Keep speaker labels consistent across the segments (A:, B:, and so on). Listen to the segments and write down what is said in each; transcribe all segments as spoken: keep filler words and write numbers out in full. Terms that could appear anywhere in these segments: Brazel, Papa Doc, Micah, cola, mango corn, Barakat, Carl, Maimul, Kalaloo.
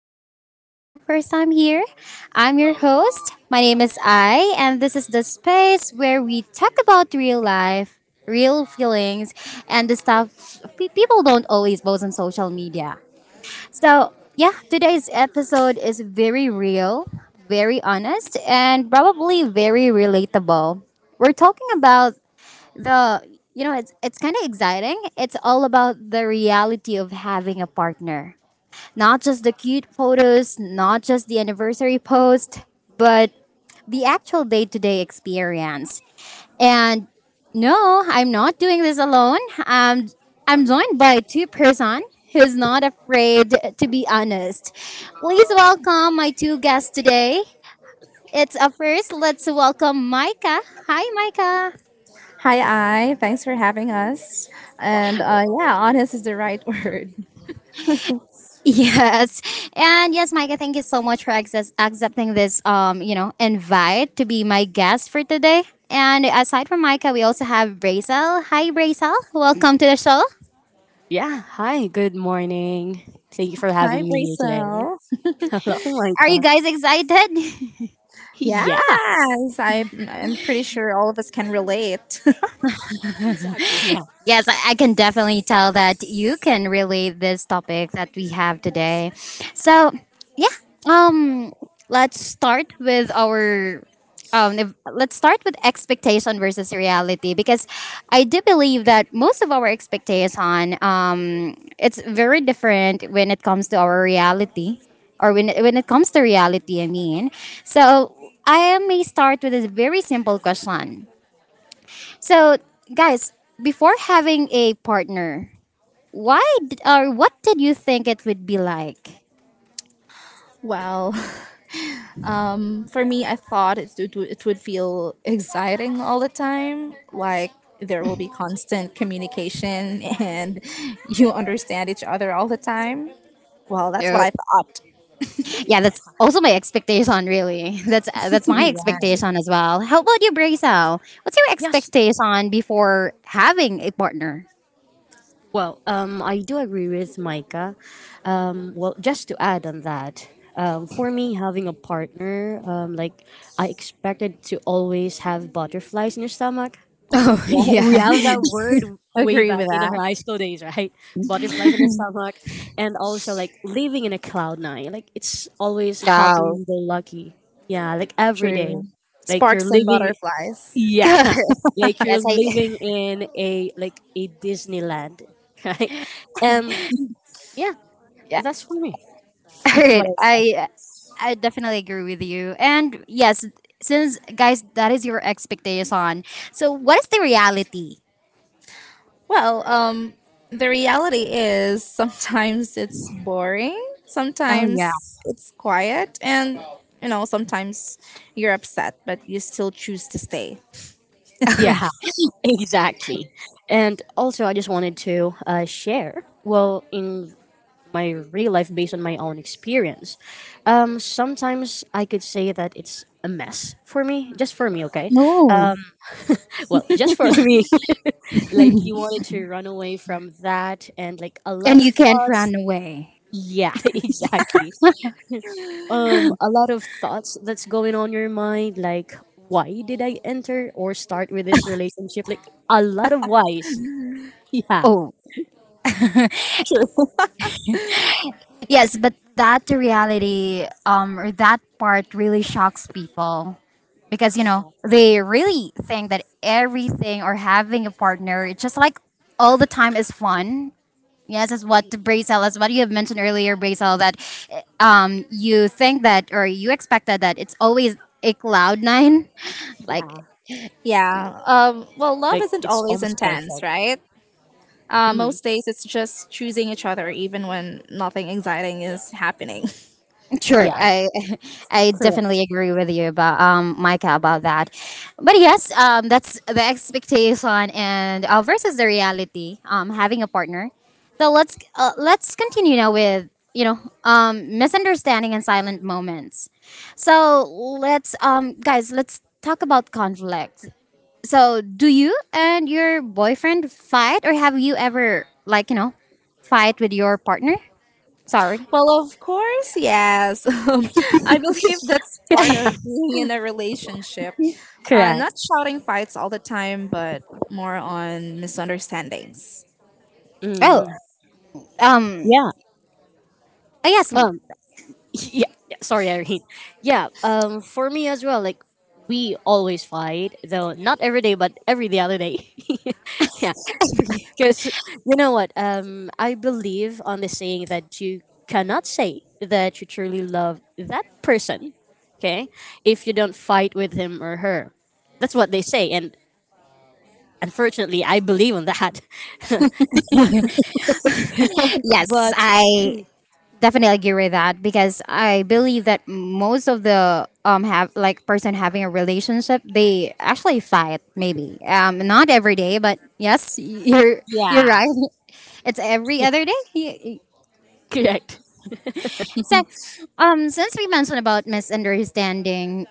A: And if this is your first time here, I'm your host. My name is I, and this is the space where we talk about real life, real feelings, and the stuff pe- people don't always post on social media. So, yeah, today's episode is very real, very honest, and probably very relatable. We're talking about the you know it's it's kind of exciting. It's all about the reality of having a partner, not just the cute photos, not just the anniversary post, but the actual day-to-day experience. And no, i'm not doing this alone I'm i'm joined by two person who's not afraid to be honest. Please welcome my two guests today. It's a first. Let's welcome Micah. Hi Micah.
B: Hi, I. Thanks for having us. And uh, yeah, honest is the right word.
A: Yes. And yes, Micah, thank you so much for access, accepting this um, you know, invite to be my guest for today. And aside from Micah, we also have Brazel. Hi Brazel. Welcome to the show.
C: Yeah, hi, good morning. Thank you for
B: Hi,
C: having me here today.
B: Brisel.
C: Oh my
A: Are you
C: god.
A: guys excited?
C: Yeah.
B: Yes, I, I'm pretty sure all of us can relate.
C: Exactly, yeah.
A: Yes, I, I can definitely tell that you can relate this topic that we have today. So, yeah, um, let's start with our um, if, let's start with expectation versus reality, because I do believe that most of our expectation um, it's very different when it comes to our reality, or when when it comes to reality. I mean, so I may start with a very simple question. So, guys, before having a partner, why d- or what did you think it would be like?
B: well, um, for me, I thought it, it, would- it would feel exciting all the time. Like, there will be constant communication and you understand each other all the time. Well, that's what
A: No.
B: I thought.
A: Yeah, that's
C: Yeah.
A: also my expectation. Really, that's uh, that's my expectation as well. How about you, Brazil? What's your
C: Yes.
A: expectation before having a partner?
C: Well, um, I do agree with Micah. Um, well, just to add on that, um, for me, having a partner, um, like I expected to always have butterflies in your stomach.
A: Oh
C: Yeah,
A: yeah.
C: we have that word way
B: Agree with
C: back in
B: that.
C: our high school days, right? Butterflies in the stomach, and also like living in a cloud nine. Like it's always
A: Wow.
C: happy, go lucky. Yeah, like every day,
B: True.
C: like you're
B: Sparks and
C: living.
B: butterflies.
C: Yeah,
A: Yes,
C: like you're
A: I.
C: living in a like a Disneyland, right? And yeah,
A: Yeah.
C: that's for me.
A: All
C: That's
A: right.
C: what I said.
A: I I definitely agree with you. And yes, since guys, that is your expectation. So, what is the reality?
B: Well, um, the reality is sometimes it's boring,
A: Oh yeah.
B: sometimes it's quiet, and you know sometimes you're upset, but you still choose to stay.
C: Yeah. Exactly. And also, I just wanted to uh, share. Well, in my real life based on my own experience. Um, sometimes I could say that it's a mess for me, just for me, okay?
A: Oh,
C: Um, well, just for me. Like you wanted to run away from that and like a lot
A: and
C: of
A: you can't
C: thoughts.
A: run away.
C: Yeah, exactly. Um, a lot of thoughts that's going on your mind, like why did I enter or start with this relationship? Like a lot of whys. Yeah.
A: Oh, yes, but that reality, um, or that part really shocks people, because you know
C: Exactly.
A: they really think that everything, or having a partner, it's just like all the time is fun. Yes, that's what
C: Mhm.
A: Brazel, that's what you have mentioned earlier, Brazel, that um, you think that or you expected that it's always a cloud nine, like.
C: Yeah.
B: Yeah. Um, well, love
C: Like
B: isn't
C: it's
B: always
C: almost
B: intense,
C: perfect.
B: right? Uh,
C: Mhm.
B: most days it's just choosing each other, even when nothing exciting is happening.
A: Sure,
C: Yeah.
A: I I definitely
C: Correct.
A: agree with you about um Micah about that, but yes, um that's the expectation and uh, versus the reality. Um, having a partner, so let's uh, let's continue now with you know um misunderstanding and silent moments. So let's um guys, let's talk about conflict. So do you and your boyfriend fight, or have you ever like you know fight with your partner? Sorry.
B: Well, of course, yes. Um, I believe that's part of being in a relationship. Uh,
C: Correct.
B: not shouting fights all the time, but more on misunderstandings.
A: Oh,
C: Mm,
A: um
C: yeah.
A: uh, yes.
C: Um. Yeah. Yeah, sorry, Irene. Yeah. Um. For me as well. Like, we always fight, though not every day, but every the other day. yeah. Because you know what? Um. I believe on the saying that you cannot say that you truly love that person. Okay. If you don't fight with him or her, that's what they say, and unfortunately, I believe on that.
A: Yes,
C: but
A: I definitely agree with that, because I believe that most of the um have like person having a relationship, they actually fight, maybe um not every day, but yes, you're you're
C: yeah.
A: right. It's every other day. Y- y-
C: Correct.
A: so um since we mentioned about misunderstanding,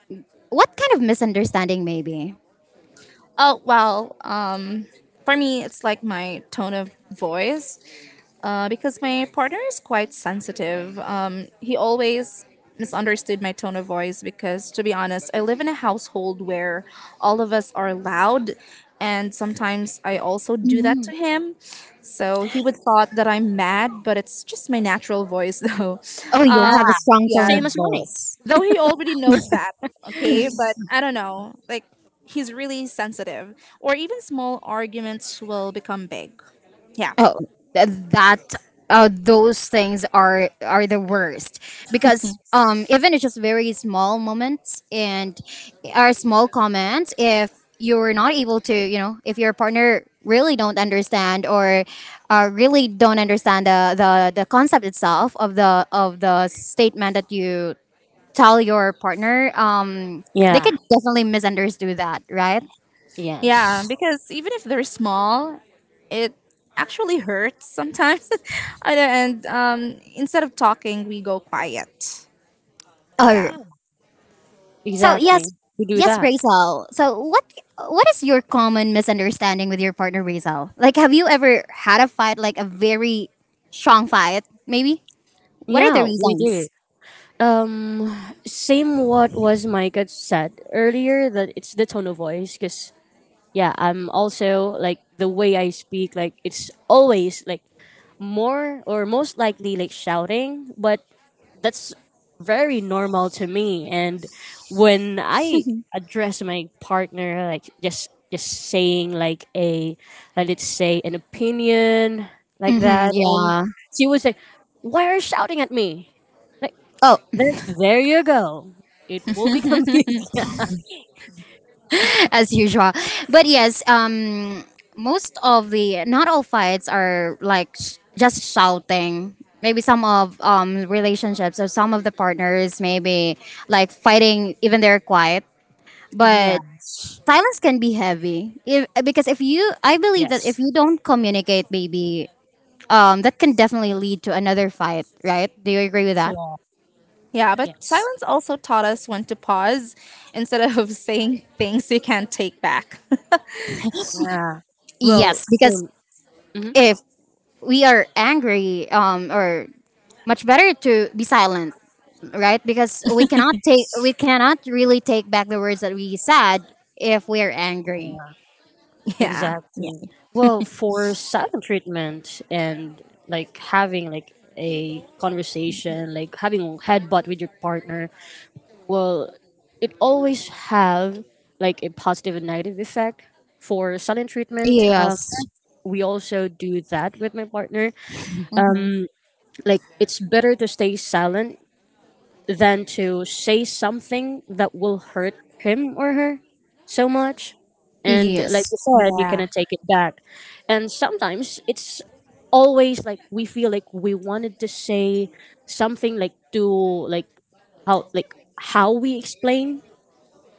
A: what kind of misunderstanding, maybe.
B: Oh, well, um, for me, it's like my tone of voice. Uh, because my partner is quite sensitive. Um, he always misunderstood my tone of voice because, to be honest, I live in a household where all of us are loud, and sometimes I also do that
A: Mhm.
B: to him. So he would thought that I'm mad, but it's just my natural voice, though.
A: Oh,
C: Yeah.
A: you'll
B: Um,
A: have a strong
B: yeah,
A: tone
C: Same
A: of
C: as mine.
A: voice.
B: though he already knows that. Okay, but I don't know. Like he's really sensitive, or even small arguments will become big. Yeah.
A: Oh, th- that uh, those things are are the worst, because um even it's just very small moments and are small comments, if you're not able to you know, if your partner really don't understand, or uh, really don't understand the, the the concept itself of the of the statement that you tell your partner, um they
C: Yeah.
A: could definitely misunderstand that, right?
B: Yeah,
C: Yes.
B: because even if they're small, it actually hurts sometimes. and and, um, instead of talking, we go quiet. Yeah.
C: Yeah,
A: So
C: exactly.
A: yes,
C: We do
A: yes,
C: that.
A: Razel. So what what is your common misunderstanding with your partner, Razel? Like, have you ever had a fight, like a very strong fight? Maybe. What are the
C: Yeah, we do.
A: reasons?
C: Um, same what was Micah said earlier that it's the tone of voice. Cause yeah, I'm also like the way I speak. Like it's always like more or most likely like shouting, but that's very normal to me and when I address my partner like just just saying like a like let's say an opinion like
A: Mm-hmm,
C: that and
A: yeah.
C: she would say why are you shouting at me like
A: Oh,
C: then there you go, it will become big.
A: as usual. But yes, um, most of the not all fights are like sh- just shouting. Maybe some of um relationships, or some of the partners, maybe like fighting even they're quiet. But
C: Yes.
A: silence can be heavy if, because if you, I believe that if
C: Yes.
A: you don't communicate, maybe um, that can definitely lead to another fight, right? Do you agree with that?
C: Correct.
B: Yeah, but
C: Yes.
B: silence also taught us when to pause instead of saying things you can't take back.
C: Yeah. Well,
A: Yes, because
C: um,
A: if we are angry, um, or much better to be silent, right? Because we cannot take, we cannot really take back the words that we said if we are angry.
C: mhm.
B: yeah. Yeah.
C: Exactly. Well, for silent treatment and like having like a conversation, like having a headbutt with your partner, well, it always have like a positive and negative effect. For silent treatment, um,
A: Yes.
C: we also do that with my partner.
B: hmm
C: Um, like it's better to stay silent than to say something that will hurt him or her so much. And like you
A: Yes,
C: said, you
B: Yeah.
C: cannot take it back. And sometimes it's always like we feel like we wanted to say something like to like how like how we explain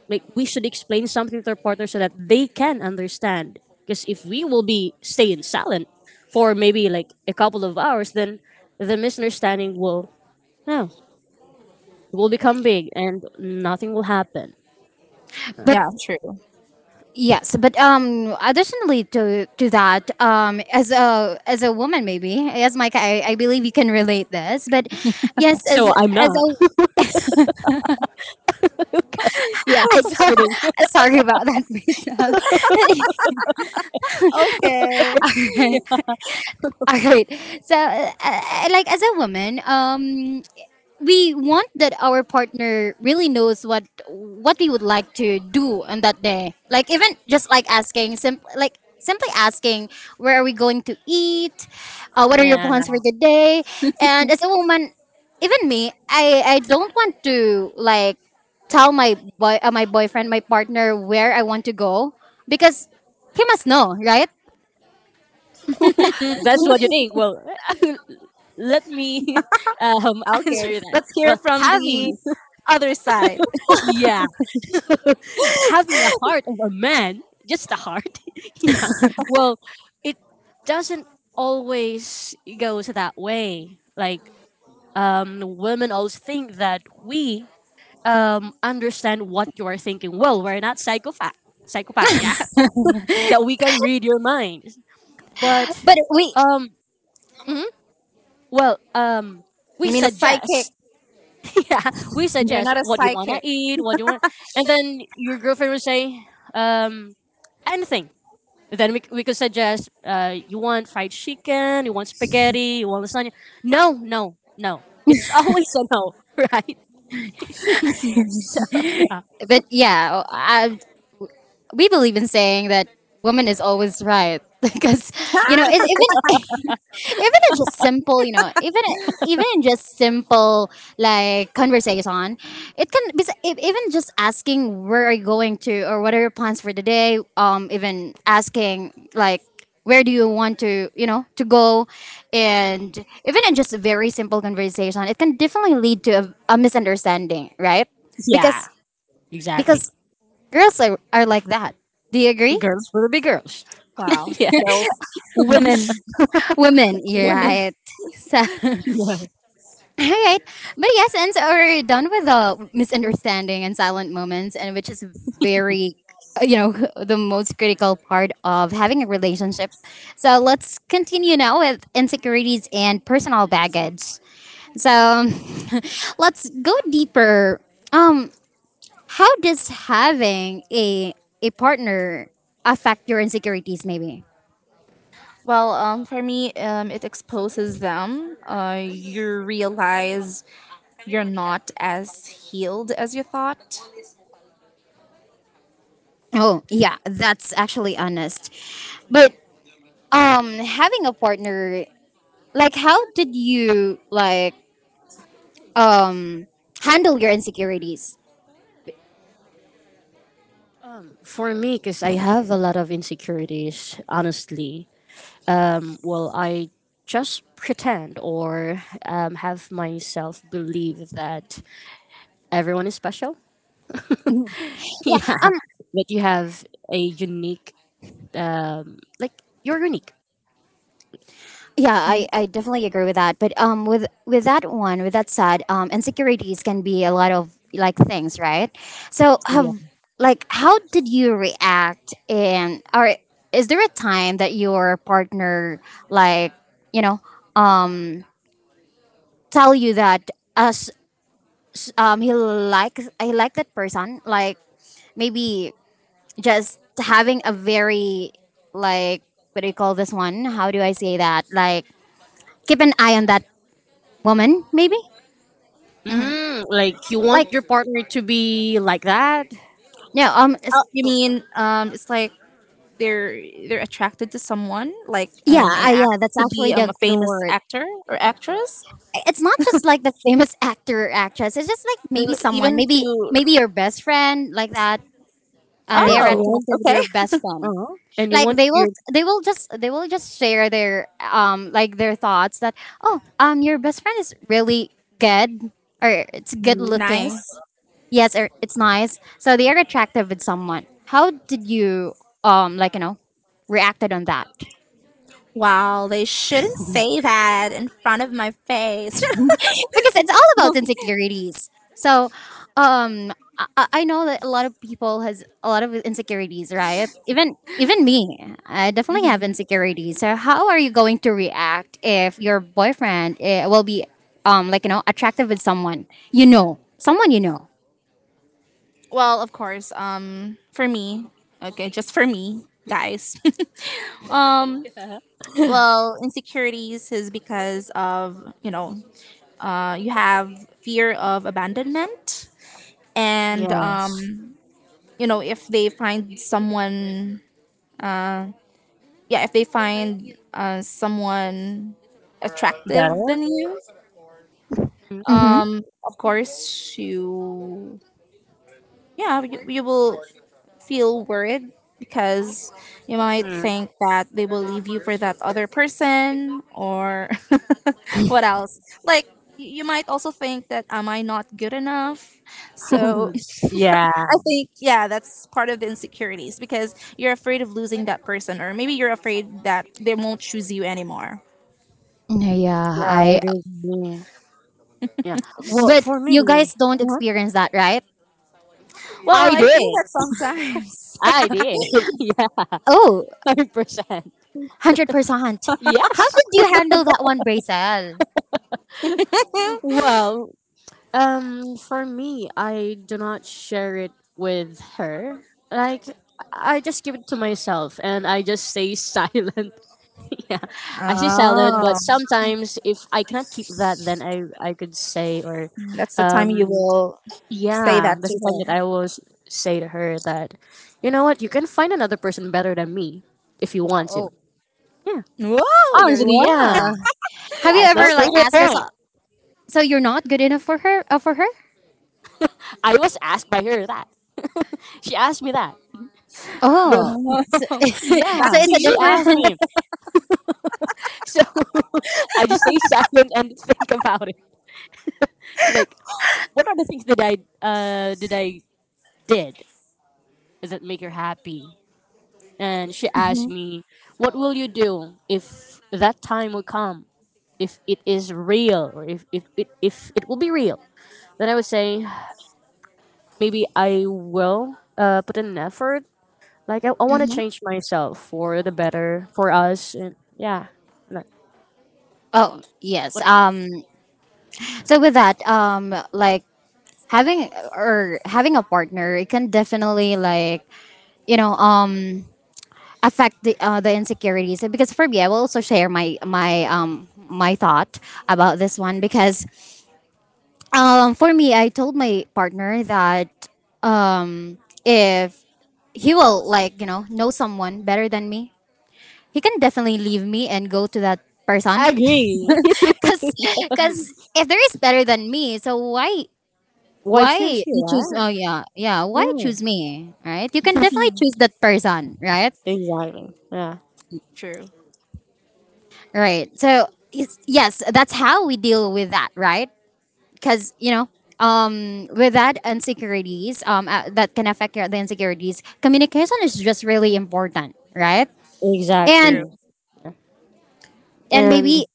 C: like we should explain something to our partner so that they can understand because if we will be staying silent for maybe like a couple of hours then the misunderstanding will oh will become big and nothing will happen.
A: but
B: Yeah, true.
A: Yes, but um, additionally to to that, um, as a as a woman, maybe as Mike, I, I believe you can relate this. But yes, as
C: So I'm
A: as
C: not.
A: a
C: Yeah, I'm just kidding.
A: sorry about that, Lisa.
B: Okay.
A: All right, so uh, uh, like as a woman, um, we want that our partner really knows what what we would like to do on that day. Like even just like asking simply, like simply asking, where are we going to eat, uh, what are your
C: Yeah,
A: plans for the day, and as a woman, even me, I I don't want to like tell my boy uh, my boyfriend, my partner, where I want to go, because he must know, right?
C: that's what you think. Well, let me um,
B: Okay.
C: answer that.
B: Let's hear
C: Well,
B: from the
C: having,
B: other side.
C: yeah, having a heart of a man, just a heart, yeah, well, it doesn't always goes that way. Like, um, women always think that we um, understand what you are thinking. Well, we're not psychopath, psychopath, yeah, that we can read your mind. But
A: But we
C: um, mhm. Well, um, we
B: You mean a psychic?
C: suggest, yeah, we
B: You're
C: suggest
B: not a
C: what you wanna
B: psychic.
C: eat, what you want, and then your girlfriend will say, um, anything. Then we, we could suggest, uh, you want fried chicken, you want spaghetti, you want lasagna. No, no, no. It's always a no, right? So yeah,
A: but yeah, I, we believe in saying that woman is always right, because you know it, even even in just simple, you know, even even in just simple like conversation, it can be if- even just asking where are you going to, or what are your plans for the day, um even asking like where do you want to you know to go,
C: Mm.
A: and even in just a very simple conversation, it can definitely lead to a, a misunderstanding, right?
C: Yeah,
A: because
C: exactly.
A: because girls are, are like that. Do you agree?
C: Girls will be girls.
B: wow.
C: Yes.
B: Girls. Women.
A: Women, you're
B: Women.
A: right. So, all
C: Yeah.
A: right. But yes, and so we're done with the misunderstanding and silent moments, and which is very, uh, you know, the most critical part of having a relationship. So let's continue now with insecurities and personal baggage. So let's go deeper. Um, how does having a a partner affect your insecurities? Maybe.
B: Well, um, for me, um, it exposes them. Uh, you realize you're not as healed as you thought.
A: Oh, yeah, that's actually honest. But um having a partner, like how did you like um handle your insecurities?
C: Um, for me, because I have a lot of insecurities, honestly. Um, well, I just pretend or um, have myself believe that everyone is special.
A: Mhm. Yeah,
C: yeah,
A: um
C: that you have a unique, um, like you're unique.
A: yeah,
B: Mhm.
A: I, I definitely agree with that. But um with with that one, with that said, um insecurities can be a lot of like things, right? So
C: Yeah.
A: have like how did you react, and or is there a time that your partner like, you know, tell you that as um he likes, I like that person, like maybe just having a very like, what do you call this one, how do I say that, like keep an eye on that woman maybe,
B: Oh,
C: Mm, like you
A: like
C: want your partner to be like that,
A: no um it's-
B: you mean um, it's like they're they're attracted to someone, like
A: yeah
B: an an
A: uh,
B: act
A: yeah, that's
B: to be
A: actually
B: um,
A: the
B: a
A: the
B: famous
A: word.
B: actor or actress.
A: It's not just like the famous actor or actress, it's just like maybe
B: L-
A: someone,
B: even
A: maybe
B: to.
A: maybe your best friend like that, and they are
C: and you
B: Oh,
C: want,
A: attracted with
B: okay.
A: your best friend,
C: uh, and you
A: like
C: want
A: they will
C: your,
A: they will just, they will just share their um like their thoughts that oh um your best friend is really good, or it's good
C: mm,
A: looking,
B: Nice.
A: yes, or it's nice, so they are attractive with someone. How did you um like you know reacted on that?
B: Wow, they shouldn't say that in front of my face.
A: Because it's all about insecurities. So, um, I, I I know that a lot of people has a lot of insecurities, right? Even even me, I definitely have
B: Mhm.
A: insecurities. So, how are you going to react if your boyfriend eh, will be, um, like you know, attractive with someone you know, someone you know?
B: Well, of course. Um, for me, okay, just for me, guys. um, well, insecurities is because of you know, uh, you have fear of abandonment, and
C: yes,
B: um, you know, if they find someone, uh, yeah, if they find uh someone attractive
C: better.
B: than you,
A: Mm-hmm.
B: um, of course you yeah you, you will feel worried because you might
C: Mm.
B: think that they will leave you for that other person, or what else, like y- you might also think that am I not good enough, so I
C: yeah,
B: think yeah that's part of the insecurities because you're afraid of losing that person, or maybe you're afraid that they won't choose you anymore.
A: Yeah,
C: yeah,
A: I.
C: it is me. Yeah. Well,
A: But
C: for
A: you
C: me,
A: guys don't
C: what
A: experience that, right?
B: Well,
C: I
B: I feel
C: did.
B: that sometimes.
C: I did. Yeah,
A: Oh,
C: hundred percent.
A: one hundred percent. How
C: Yes.
A: did you handle that one, Bracel?
C: Well, um, for me, I do not share it with her. Like, I just keep it to myself, and I just stay silent. Yeah, I stay silent.
B: Oh,
C: But sometimes, if I cannot keep that, then I I could say or,
B: that's the time you
C: um,
B: will say that
C: yeah,
B: to
C: that's the time
B: her.
C: that I always say to her that, you know what, you can find another person better than me if you want to.
A: Oh,
C: Yeah.
B: Whoa, you're.
C: Honestly,
A: yeah.
C: yeah.
A: Have you
C: Yes, like
B: Okay.
A: ever
C: straight
A: like
C: to the
A: asked
C: point.
A: yourself, so you're not good enough for her? Uh, for her?
C: I was asked by her that. she asked me that.
A: Oh,
C: The-
A: so, so
B: Back
C: yeah,
A: it's
B: to
A: a
C: she
B: you.
C: asked
A: different.
C: me. So I just stay silent and think about it. Like, what other things did I uh did I did? Does it make her happy? And she asked
A: Hmm.
C: me, "What will you do if that time will come? If it is real, or if if it if it will be real?" Then I would say, maybe I will uh, put in an effort. Like I, I want to
A: Hmm.
C: change myself for the better for us. And yeah, like,
A: Oh yes.
C: but
A: Um. So with that, um, like having, or having a partner, it can definitely like you know um affect the uh, the insecurities. Because for me, I will also share my my um my thought about this one, because um for me, I told my partner that um if he will like you know know someone better than me, he can definitely leave me and go to that
C: I
A: person.
C: agree.
A: because because if there is better than me, so why
C: Why choose
A: why you
C: you?
A: choose,
C: Right?
A: oh yeah yeah, why
C: Yeah,
A: choose me, right? You can definitely choose that person, right?
C: exactly. Yeah,
B: True.
A: Right, so is- yes, that's how we deal with that, right? Because you know um with that insecurities um uh, that can affect your, the insecurities. Communication is just really important, right? and
B: True.
C: exactly.
A: and
C: And
A: maybe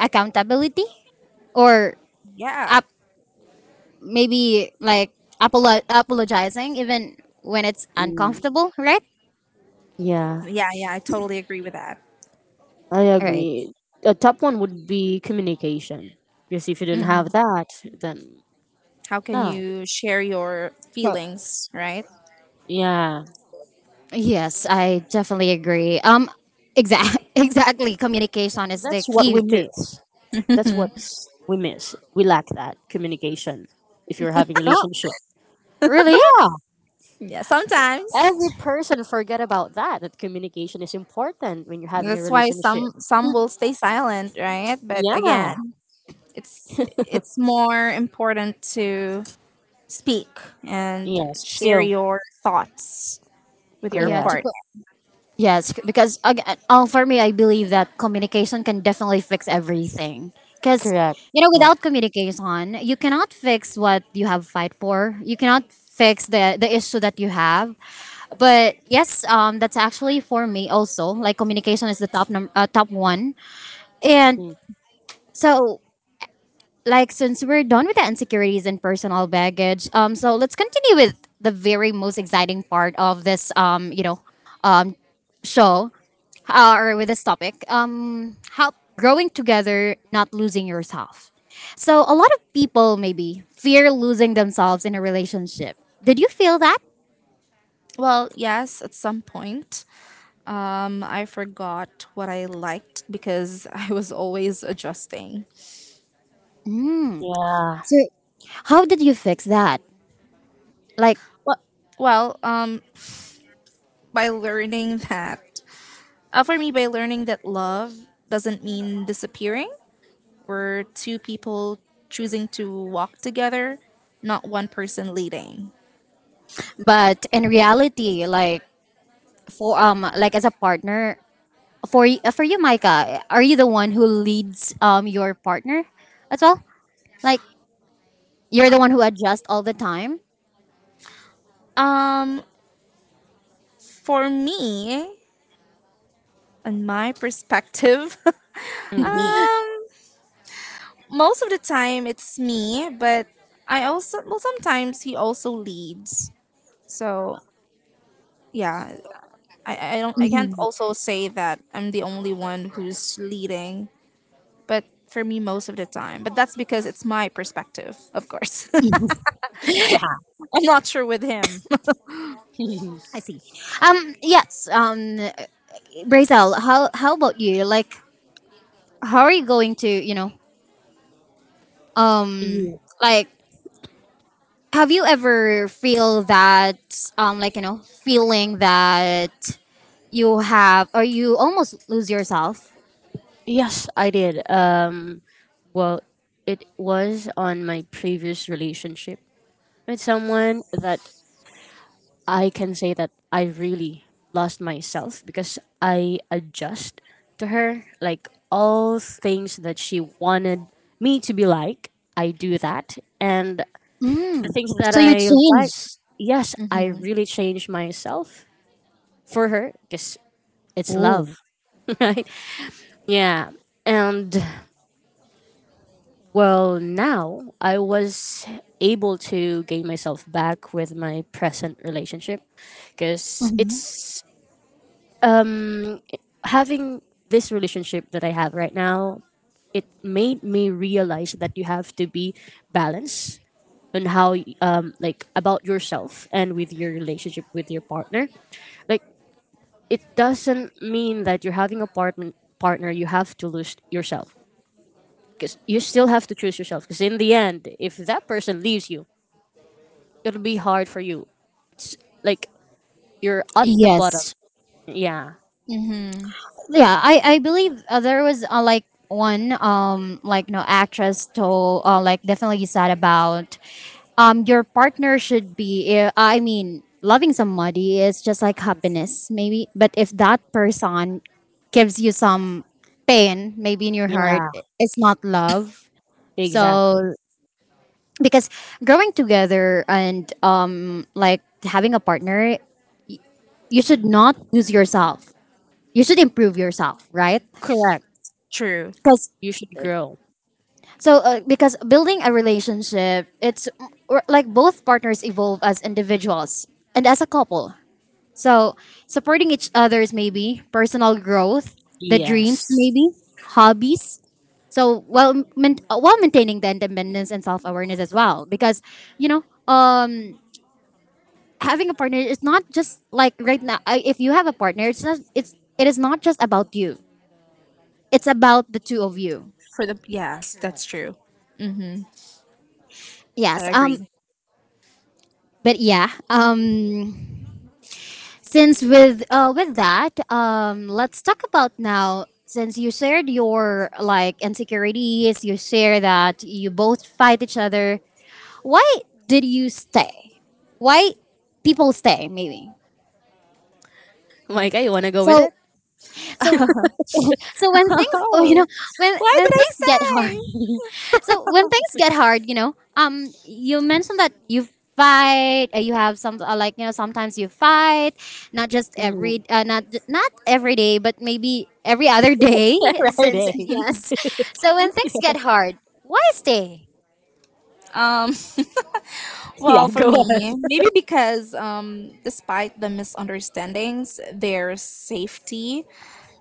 A: accountability, or
B: Yeah.
A: uh, maybe like apolo- apologizing even when it's
C: mm,
A: uncomfortable, right?
C: yeah,
B: Yeah. Yeah. I totally agree with that.
C: I
A: All right.
C: agree. A top one would be communication. Because if you don't have
B: Mhm.
C: that, then
B: How can
C: no.
B: you share your
A: So
B: feelings, right?
C: Yeah.
A: yes, I definitely agree. Um, exact exactly. Communication is the
C: That's what
A: key
C: we
A: to.
C: miss. That's what we miss. We lack that communication if you're having a
A: Oh,
C: relationship.
A: really?
C: Yeah.
B: yeah. Sometimes
C: Every person forget about that. That communication is important when you're having a
B: that's why
C: relationship.
B: some some will stay silent, right? But
C: Yeah.
B: again, it's it's more important to speak and
C: Yes.
B: share
C: So
B: your thoughts with your
A: Yeah. To
C: correct.
B: partner.
A: Yes, c- because again, all for me, I believe that communication can definitely fix everything. Because
C: Correct.
A: you know,
C: Yeah.
A: without communication, you cannot fix what you have fight for. You cannot fix the the issue that you have. But yes, um, that's actually for me also. Like communication is the top num- uh, top one. And
C: Mm.
A: so, like, since we're done with the insecurities and personal baggage, um, so let's continue with the very most exciting part of this, um, you know, um, show uh, or with this topic, um how growing together, not losing yourself. So a lot of people maybe fear losing themselves in a relationship. Did you feel that?
B: Well, yes, at some point. Um, I forgot what I liked because I was always adjusting.
A: Mm.
C: Yeah.
A: So how did you fix that, like?
B: Well, well, um, by learning that, uh, for me, by learning that love doesn't mean disappearing. We're two people choosing to walk together, not one person leading.
A: But in reality, like, for um like as a partner, for y- for you, Micah, are you the one who leads um your partner as well? Like, you're the one who adjusts all the time?
B: Um, for me, and my perspective,
C: Hmm.
B: um, most of the time it's me, but I also well sometimes he also leads. So yeah, I, I don't, I can't
A: Mhm.
B: also say that I'm the only one who's leading, but for me most of the time, but that's because it's my perspective of course. I'm not sure with him.
C: yeah.
A: I see. Um, yes. Um, Brazel, how how about you? Like, how are you going to, you know, um,
C: Yeah.
A: like, have you ever feel that, um, like, you know, feeling that you have, or you almost lose yourself?
C: Yes, I did. Um, well, it was on my previous relationship with someone that I can say that I really lost myself because I adjust to her. Like all things that she wanted me to be like, I do that. And the
A: Mm.
C: things that
A: So you
C: I like,
A: change.
C: yes, I
B: Mm-hmm.
C: really change myself for her because it's love,
A: Ooh.
C: right? Yeah. And well, now I was able to gain myself back with my present relationship because
A: Mhm.
C: it's um, having this relationship that I have right now, it made me realize that you have to be balanced on how y- um, like about yourself and with your relationship with your partner, like it doesn't mean that you're having a partner partner you have to lose yourself because you still have to choose yourself because in the end if that person leaves you it'll be hard for you. It's like you're at the bottom.
A: Yes.
C: Yeah.
B: Mm-hmm.
A: Yeah, I I believe uh, there was uh, like one um like no actress told, uh, like definitely sad about um your partner should be, eh, I mean, loving somebody is just like
C: Mm.
A: happiness maybe, but if that person gives you some pain maybe in your heart,
C: Yeah.
A: it's not love. So
C: Exactly.
A: because growing together and um like having a partner, you should not lose yourself, you should improve yourself, right?
C: Correct.
B: True.
A: Because
C: You should grow.
A: so uh, because building a relationship, it's or like both partners evolve as individuals and as a couple. So supporting each other's maybe personal growth, the dreams
C: Yes.
A: maybe, hobbies. So, while main- uh, while maintaining the independence and self-awareness as well, because, you know, um having a partner is not just like, right now, I- if you have a partner, it's not, it's it is not just about you. It's about the two of you.
B: For the yes that's
C: Correct.
B: true. Mm-hmm. I
A: Yes.
B: agree.
A: Um but yeah, um since with uh with that, um let's talk about now. Since you shared your like insecurities, you share that you both fight each other. Why did you stay? Why people stay maybe?
C: Micah, you wanna go with
A: So
C: it?
A: so so when things oh you know when
B: Why
A: when
B: did I
A: things get hard.
B: stay?
A: So when things get hard, you know, um you mentioned that you fight, uh, you have some, uh, like, you know, sometimes you fight, not just
C: Mhm.
A: every, uh, not not every day, but maybe every other day.
C: right.
A: Since
C: Eh?
A: yes, so when things get hard, why stay?
B: Um.
C: Yeah.
B: Well, for
C: Go.
B: me,
C: Ahead.
B: maybe because um, despite the misunderstandings, there's safety,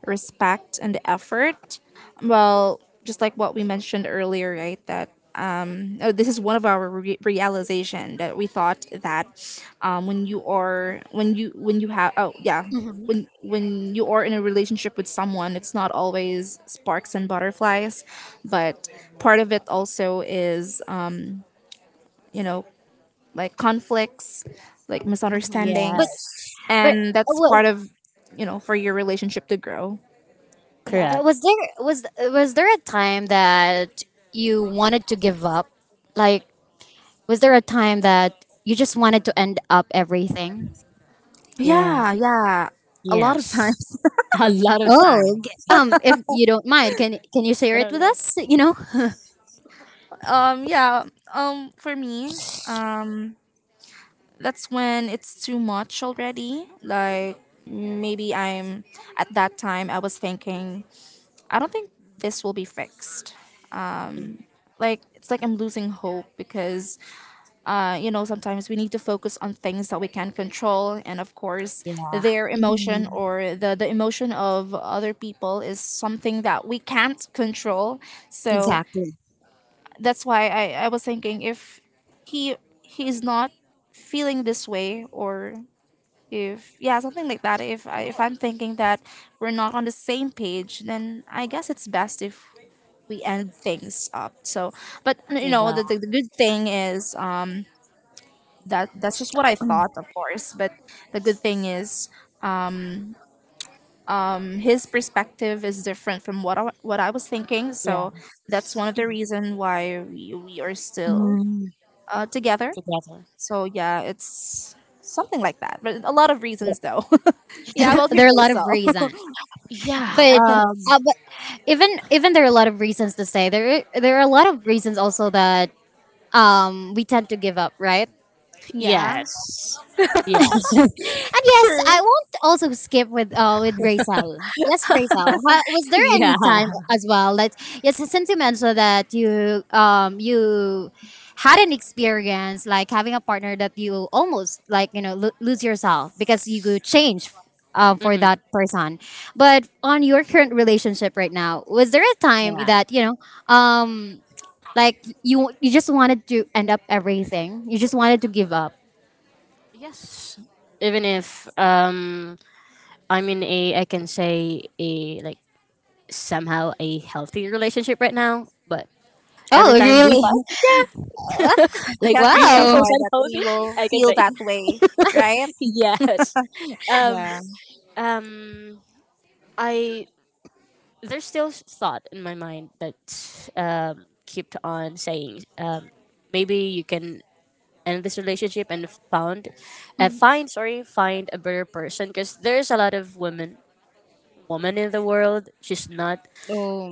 B: respect, and effort. Well, just like what we mentioned earlier, right? That um, oh, this is one of our re- realization that we thought that um, when you are when you when you have oh yeah
A: Mhm.
B: when when you are in a relationship with someone, it's not always sparks and butterflies, but part of it also is um, you know like conflicts, like
A: but
B: misunderstandings,
C: Yes.
A: but
B: and that's
A: was
B: part of you know for your relationship to grow.
A: Yeah, but
C: Correct.
A: was there was was there a time that you wanted to give up? Like, was there a time that you just wanted to end up everything?
C: Yeah.
B: Yeah, yeah, a lot of
C: Yes.
B: times.
C: A lot of time.
A: Oh, g-
C: Yeah,
A: um, if you don't mind, can can you share
C: I
A: it
C: don't
A: with
C: know.
A: us? You know,
B: Um, yeah. Um, for me, um, that's when it's too much already. Like maybe I'm at that time I was thinking I don't think this will be fixed. Like it's like I'm losing hope because Uh, you know, sometimes we need to focus on things that we can control, and of course,
C: Yeah.
B: their emotion
A: mhm,
B: or the the emotion of other people is something that we can't control. So
A: exactly.
B: that's why I I was thinking if he he's not feeling this way or if yeah something like that, if I, if I'm thinking that we're not on the same page, then I guess it's best if we end things up. So but you know
C: Yeah.
B: the, the, the good thing is um that that's just what I thought, of course. But the good thing is, um, his perspective is different from what I, what I was thinking. So
C: Yeah.
B: that's one of the reason why we we are still
A: Mhm.
B: uh, together.
C: Together.
B: So yeah, it's something like that. But a lot of reasons though. Yeah, about your
A: There are a lot of
B: bracelet.
A: reasons,
C: Yeah.
B: Yeah,
A: but,
C: Um.
A: uh, but even, even there are a lot of reasons to say, there there are a lot of reasons also that um we tend to give up, right?
B: yeah,
C: Yes. Yes.
A: And yes, I
B: true.
A: won't also skip with uh with Rachel. Yes, Rachel. How, was there
C: Yeah.
A: any time as well that, yes, since you mentioned that you um you had an experience like having a partner that you almost like, you know, lo- lose yourself because you could change um, for
C: Hmm.
A: that person. But on your current relationship right now, was there a time
C: Yeah.
A: that, you know, um like you you just wanted to end up everything? You just wanted to give up?
C: Yes. Even if um I'm in a I can say a like somehow a healthy relationship right now, but
A: Oh,
C: every time we
A: really?
C: fight, yeah,
B: We
C: like
B: can't really
C: fifty
A: Wow.
B: avoid
C: percent
B: that. We
C: healthy,
B: will
C: I can
B: feel
C: say
B: that way, right?
C: yes. Um,
B: Yeah.
C: um, I there's still s- thought in my mind that um kept on saying um maybe you can end this relationship and found uh, find sorry find a better person because there's a lot of women woman in the world, she's not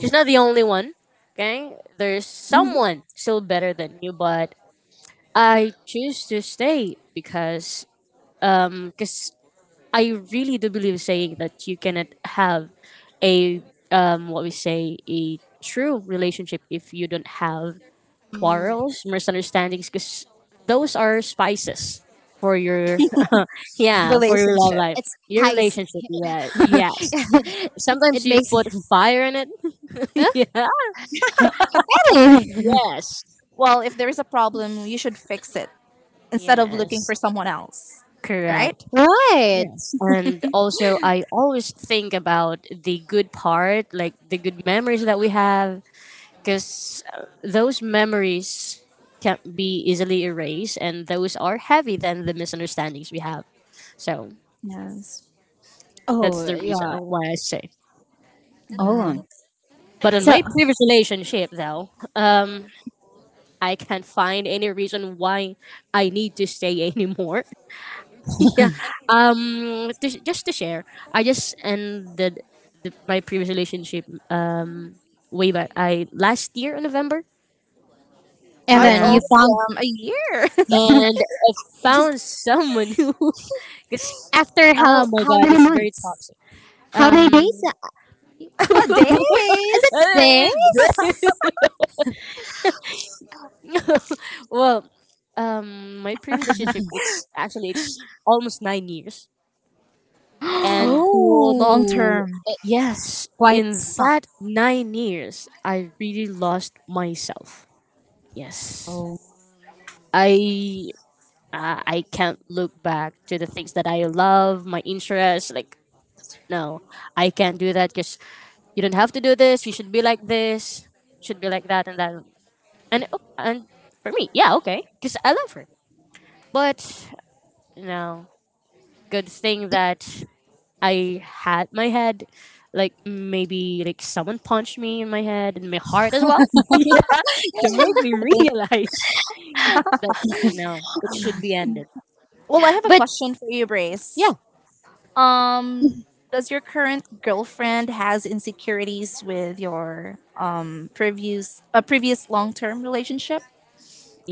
C: she's not the only one. Okay? There's
B: Mhm.
C: someone still better than you, but I choose to stay because um cause I really do believe saying that you cannot have a um what we say a true relationship if you don't have
A: Mm.
C: quarrels, misunderstandings because those are spices for your yeah, for your love
B: Relationship.
C: life.
A: It's
C: Your
A: spicy.
C: relationship, yeah, yes.
A: It
C: Sometimes you
A: makes.
C: put fire in it.
A: Huh?
C: yeah.
A: Really?
C: Yes.
B: Well, if there is a problem, you should fix it instead of looking
C: Yes,
B: for someone else, right?
C: correct.
A: Right.
C: Yes. And also, I always think about the good part, like the good memories that we have, because those memories can't be easily erased, and those are heavy than the misunderstandings we have. So
B: Yes.
A: Oh
C: that's the reason
A: yeah.
C: why I say.
B: Yeah.
A: Oh.
C: But in
A: So
C: my previous relationship, though, um, I can't find any reason why I need to stay anymore. Yeah. Um, to, just to share, I just ended the, my previous relationship um way back I last year in November.
A: and
B: Oh, it's
A: then
C: Yeah,
A: you
B: already
A: found,
B: um, a year.
C: and I
A: just
C: found someone who, cause
A: after
C: oh
A: how
C: my
A: how
C: god,
A: many
C: it's very
A: months?
C: toxic.
A: How many days?
C: Um,
A: Is it
B: Days.
C: it's very-
A: days?
C: well, um, my previous relationship, it's actually it's almost nine years, and
B: Oh, long
A: Oh,
B: term.
A: eh,
C: yes,
A: quite
C: in
A: some.
C: that nine years, I really lost myself. Yes.
A: Oh.
C: I uh, I can't look back to the things that I love, my interests. Like no, I can't do that because you don't have to do this. You should be like this. Should be like that and that. And o- and for me, yeah, okay, because I love her. But no, good thing that I had my head. Like maybe like someone punched me in my head and my heart as well.
B: I
C: Yeah, to make me
B: think.
C: realize that no, it should be ended.
B: Well, I have a
A: But
B: question for you,
C: Yeah,
B: Brace. Um, does your current girlfriend has insecurities with your um previous a uh, previous long term relationship?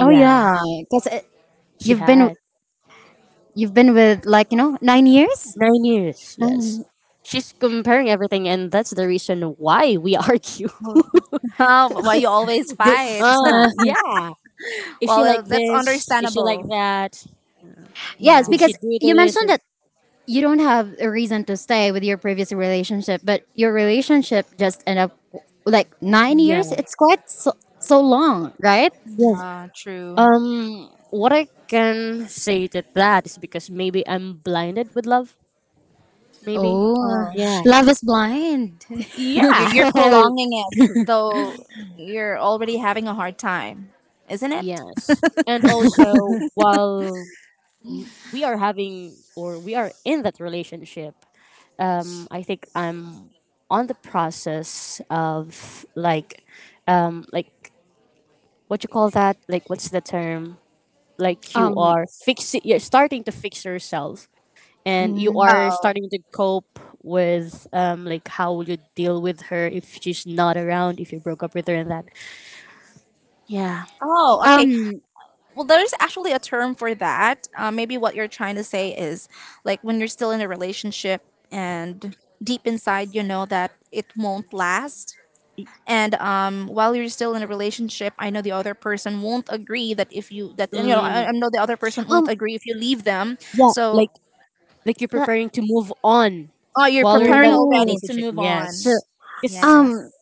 A: oh yeah, because
C: she
A: you've been
C: had
A: you've been with, like, you know, nine years.
C: nine years. Yes,
A: Nine
C: she's comparing everything, and that's the reason why we argue.
B: Well, Oh, but why you always
C: The,
B: fight?
A: years.
C: uh, yeah, is she
B: Well,
C: like
B: that's
C: this? Is she like
B: understandable.
C: that?
A: Yes,
B: Yeah,
C: Did she
A: because
C: do
A: you
C: this?
A: mentioned that you don't have a reason to stay with your previous relationship, but your relationship just end up like nine years.
C: Yeah.
A: It's quite so, so long, right?
C: Yes.
B: yeah, true.
C: Um, what I can say to that is because maybe I'm blinded with love. Maybe.
A: Oh,
B: Oh.
C: Yeah.
A: love is blind.
B: You're, you're
C: Yeah.
B: prolonging it, though you're already having a hard time, isn't it?
C: Yes. And also, while we are having or we are in that relationship, um, I think i'm on the process of like, um, like what you call that, like what's the term, like you
A: Um,
C: are fixing, you're starting to fix yourself and you
A: mm,
C: are
B: Oh,
C: starting to cope with, um, like how will you deal with her if she's not around, if you broke up with her and that. Yeah.
B: oh, okay.
A: um,
B: Well, there's actually a term for that. Uh, maybe what you're trying to say is like when you're still in a relationship and deep inside you know that it won't last. And um, while you're still in a relationship, I know the other person won't agree that if you that and, you know I,
C: mm,
B: I know the other person won't
A: um.
B: agree if you leave them.
C: yeah,
B: So
C: like like you're
A: la-
C: preparing to move on
B: oh, you're
C: while you're in
B: preparing
C: that
B: already
A: Oh,
B: to
C: relationship,
B: move
A: so
B: on.
C: yes. 'Cause
A: um,
B: Yes.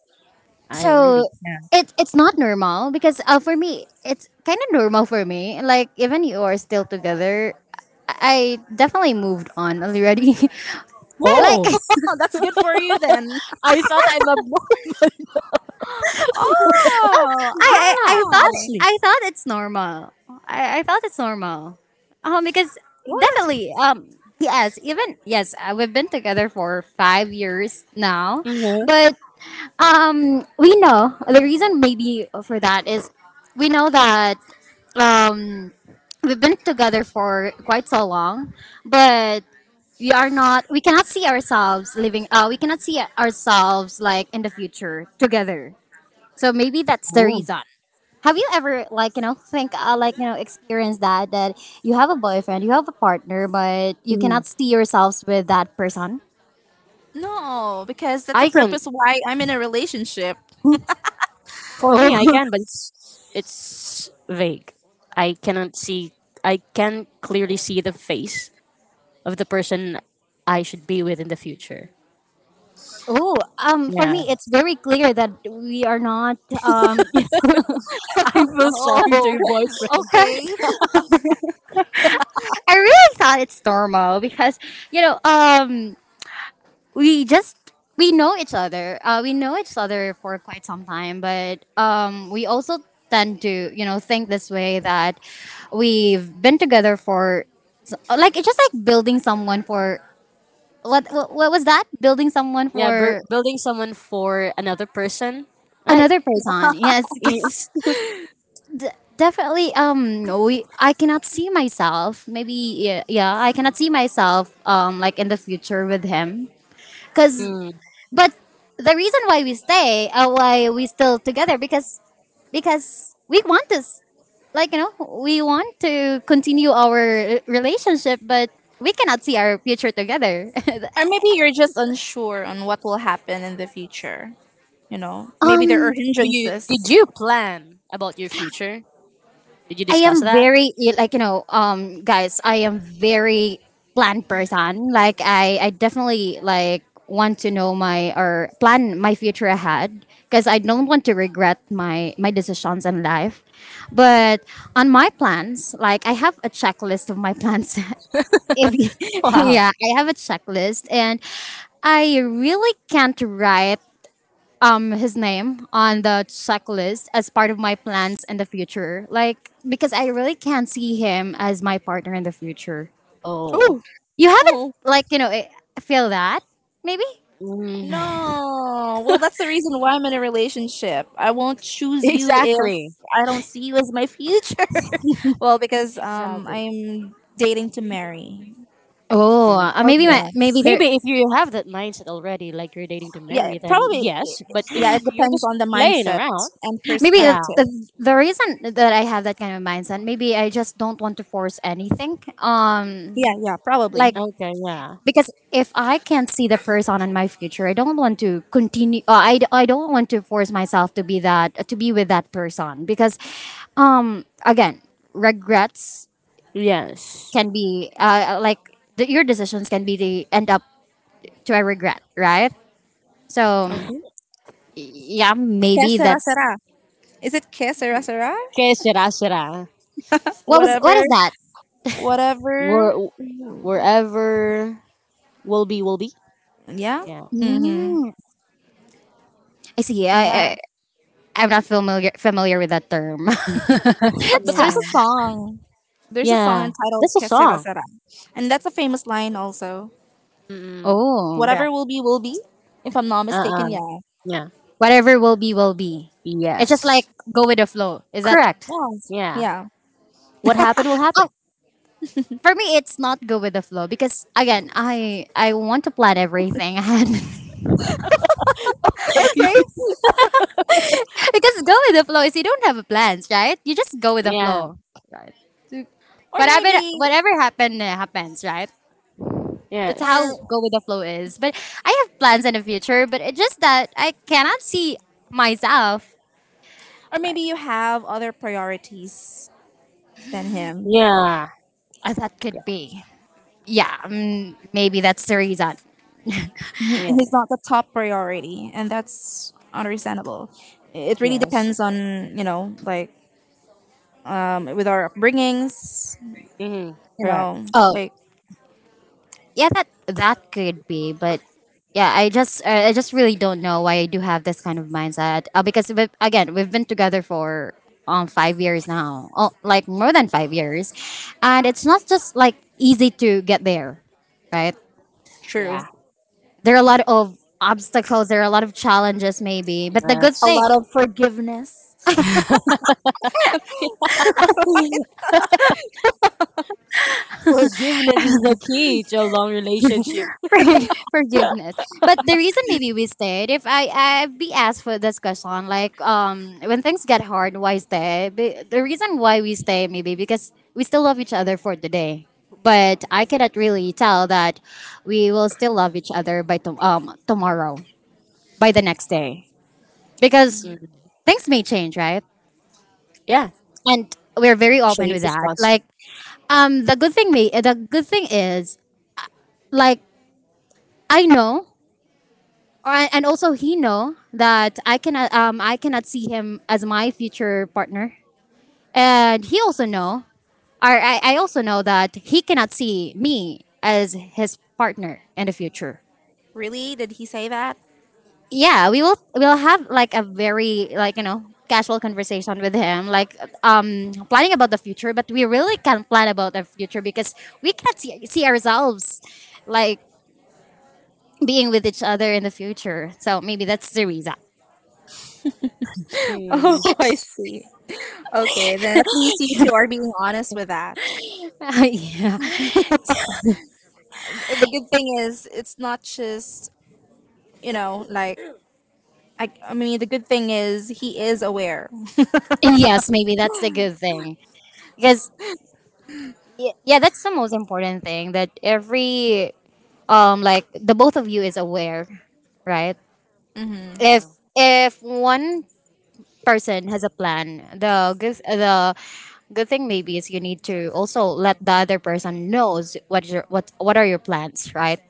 C: I
A: so
C: really can't.
A: it, it's not normal because, uh, for me it's kind of normal for me. Like, even you are still together, I I definitely moved on already.
B: Woo!
A: Like
C: Oh,
B: That's good for you then.
C: I thought I'm a boy.
A: I,
B: Oh,
A: I,
C: Yeah,
A: I thought,
B: I.
C: actually.
A: I thought it's normal. I, I thought it's normal. Um, because
C: What?
A: definitely, um, yes, even yes, uh, we've been together for five years now,
C: Hmm.
A: but um, we know the reason maybe for that is we know that um we've been together for quite so long, but we are not we cannot see ourselves living, uh we cannot see ourselves like in the future together, so maybe that's the
C: Oh.
A: reason. Have you ever like, you know, think, uh, like, you know, experience that, that you have a boyfriend, you have a partner, but you
C: Mhm.
A: cannot see yourselves with that person?
B: No, because that's the
C: I can.
B: purpose why I'm in a relationship.
C: For me, I
A: Oh,
C: can, but it's it's vague. I cannot see. I can clearly see the face of the person I should be with in the future.
A: oh. Um, for
C: Yeah.
A: me, it's very clear that we are not. Um,
C: I feel sorry to your boyfriend.
B: Okay.
A: yes, I really thought it's normal because, you know. Um, we just, we know each other. Uh, we know each other for quite some time, but um, we also tend to, you know, think this way that we've been together for so- like it's just like building someone for what what, what was that, building someone
C: Yeah, bur-
A: for
C: building someone for another person. Like,
A: another person, yes.
C: i-
A: Because d- definitely um we I cannot see myself maybe, yeah, yeah, I cannot see myself um like in the future with him, because.
C: mm.
A: But the reason why we stay, uh, why we still together, because because we want this, like, you know, we want to continue our relationship, but we cannot see our future together.
B: Or maybe you're just unsure on what will happen in the future. You know, maybe there are
A: um,
C: Do you,
B: hindrances.
C: did you plan about your future? Did you
A: I
C: discuss
A: am
C: that?
A: very ill- like, you know, um, guys, I am very planned person. Like, I I definitely like want to know my, or plan my future ahead, because I don't
C: Uh-huh.
A: want to regret my my decisions in life. But on my plans, like, I have a checklist of my plans. If you- Yeah,
C: Wow.
A: I have a checklist, and I really can't write um his name on the checklist as part of my plans in the future. Like, because I really can't see him as my partner in the future.
C: Oh,
B: Oh,
A: You haven't,
B: oh.
A: like, you know, eh, feel that maybe.
C: mm,
B: No. Well, that's the reason why I'm in a relationship. I won't choose you if
C: exactly.
B: I don't see you as my future. Well, because um,
C: Exactly.
B: I'm dating to marry.
A: Oh, uh, maybe
C: Okay.
A: my maybe
B: Yes.
A: there,
C: Maybe if you have that mindset already, like you're dating to
B: Yeah,
C: marry, then
B: probably.
C: yes. But if
B: Yeah, it
C: you're
B: depends
C: just
B: on the
C: playing
B: mindset
C: around,
B: and
A: maybe the,
C: yeah.
A: the
B: perspective.
A: the reason that I have that kind of mindset, maybe I just don't want to force anything.
B: Yeah,
A: Um,
B: yeah,
A: like,
B: probably.
C: Okay, yeah.
A: because if I can't see the person in my future, I don't want to continue. Uh, I, I don't want to force myself to be that, to be with that person, because um, again, regrets
C: Yes.
A: can be, uh, like, the, your decisions can be the end up to a regret, right? So
B: Okay.
A: yeah,
B: Que
A: maybe
B: será
A: that's.
B: será. Is it que será será?
C: Que será, será.
A: What was, what
B: Whatever.
A: is that?
B: Whatever.
C: Where, wherever will be, will be.
B: Yeah.
C: Yeah.
B: Mm-hmm.
A: Mm, I see. I, I
B: Yeah.
A: I'm not familiar familiar with that term.
B: but, but
A: Sa-
B: there's
C: Yeah.
B: a song, there's a song
C: Yeah.
B: entitled
C: That's a
B: que será
C: song.
B: será, and that's a famous line also.
C: Mm-mm.
A: oh.
C: Yeah.
B: Whatever will be will be. If I'm not mistaken,
C: Uh-uh.
B: yeah.
C: Yeah.
A: Whatever will be, will be. It's just like
C: Yes.
A: go with the flow. Is that?
C: Correct.
B: Yes.
C: Yeah.
B: Yeah.
C: What happened will
A: Oh,
C: happen.
A: for me, it's not go with the flow, because again, I I want to plan everything ahead.
B: Okay.
C: Okay.
A: Because go with the flow is, you don't have a plans, right? You just go with the
C: Yeah.
A: flow, right?
B: or
A: Whatever
B: maybe
A: whatever happen, uh, happens, right? That's how
C: Yes.
B: or
A: go with the flow is. But I have plans in the future, but it's just that I cannot see myself
B: or maybe you have other priorities than him.
C: Yeah.
A: as that could be. Yeah, mm, maybe that's the reason.
B: He- he's
C: Yeah.
B: not the top priority and that's understandable. It really
C: Yes.
B: depends on you know like um with our upbringings,
C: Hmm.
B: you
C: Correct.
B: know,
A: Oh,
B: like
A: yeah, that that could be, but yeah, I just, uh, I just really don't know why I do have this kind of mindset, uh, because we, again, we've been together for um five years now, oh, like more than five years, and it's not just like easy to get there, right?
B: true.
C: Yeah.
A: There are a lot of obstacles, there are a lot of challenges maybe, but the good
B: A
C: That's
A: thing.
B: lot of forgiveness.
C: forgiveness is the key to a long relationship.
A: Forg- forgiveness. But the reason maybe we stayed, if I I be asked for this question, like um when things get hard, why stay? Be- The reason why we stay maybe because we still love each other for today. But I cannot really tell that we will still love each other by tom um tomorrow, by the next day, because things may change, right?
C: Yeah.
A: And we're very open
C: Change
A: with
C: is
A: that.
C: constant.
A: Like um the good thing may the good thing is like I know. Uh, and also he know that I cannot um I cannot see him as my future partner. And he also know, or I, I also know that he cannot see me as his partner in the future.
B: Really, did he say that?
A: Yeah, we will, we'll have like a very, like, you know, casual conversation with him, like um planning about the future, but we really can't plan about the future because we can't see, see ourselves like being with each other in the future, so maybe that's the reason.
B: Oh,
C: Mm.
B: I see. Okay, then at least you two are being honest with that.
A: Yeah.
B: The good thing is it's not just you know like i, I mean the good thing is he is aware.
A: Yes, maybe that's a good thing, because y- yeah, that's the most important thing, that every um like the both of you is aware, right?
B: Mm-hmm.
A: If
C: Yeah.
A: if one person has a plan, the good the good thing maybe is you need to also let the other person knows what your what what are your plans, right?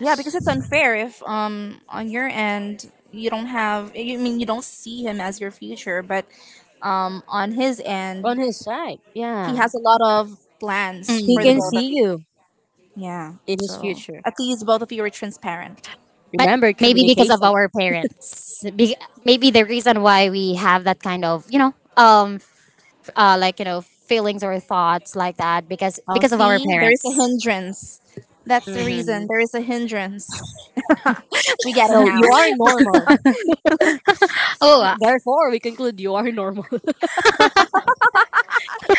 B: Yeah, because it's unfair if um on your end you don't have you I mean you don't see him as your future, but um on his
C: On
B: end
C: his side.
B: he
C: Yeah.
B: has a lot of plans
C: He
B: for the
C: can
B: both
A: Mm.
B: of
C: see
B: you.
C: you
B: Yeah.
C: in his
B: So
C: future.
B: at least both of you are transparent.
A: But
C: Remember
A: maybe because of
C: communication.
A: our parents, be, maybe the reason why we have that kind of you know um uh, like you know feelings or thoughts like that because
B: Oh
A: because of our
B: see, there is a
A: parents.
B: hindrance. That's the
C: Hmm.
B: reason. There is a hindrance. We get it
C: So you
B: now.
C: are normal.
A: Oh, uh,
C: Therefore, we conclude you are normal.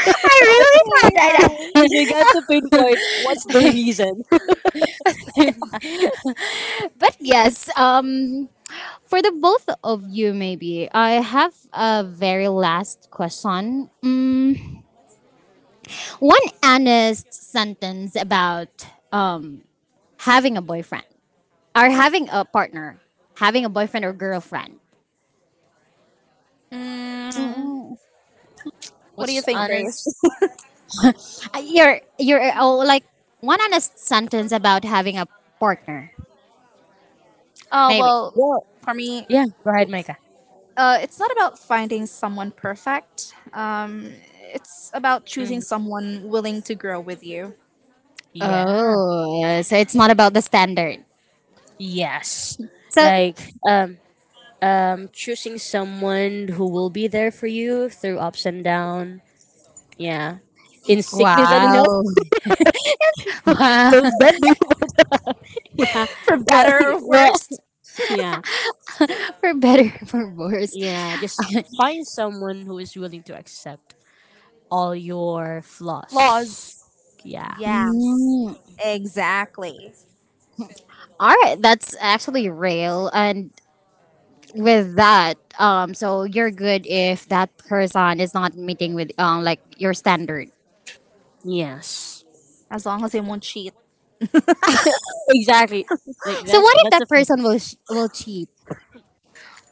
A: I really thought
B: Okay, I.
C: Because
A: that.
C: we got to pinpoint what's the reason.
A: but yes, um, for the both of you, maybe I have a very last question. Mm, one honest sentence about um, having a boyfriend or having a partner, having a boyfriend or girlfriend.
B: Mm, what do you
C: What's
B: think, Grace?
C: honest?
A: Uh, You're you're oh, like one honest sentence about having a partner,
B: Oh
A: maybe.
B: well,
C: What?
B: for me,
C: Yeah. Go ahead, Micah.
B: Uh, it's not about finding someone perfect. Um, it's about choosing
C: Mhm.
B: someone willing to grow with you.
C: Yeah.
A: Oh, yeah, so it's not about the standard.
C: Yes.
A: So
C: Like, um. um, choosing someone who will be there for you through ups and down. Yeah, in sickness and in
A: wow,
C: health.
A: wow,
C: So that do yeah.
B: For
C: Well,
B: better or
C: well,
B: worse,
C: yeah,
A: for better for worse.
C: yeah. Just find someone who is willing to accept all your
B: flaws.
C: flaws. Yeah.
B: Yes,
A: Mm.
B: exactly.
A: All right, that's actually real. And with that, um, so you're good if that person is not meeting with um like your standard.
C: Yes.
B: As long as they won't cheat.
C: Exactly. Like
A: So
C: that.
A: what if
C: That's a
A: that person
C: perfect.
A: will sh- will cheat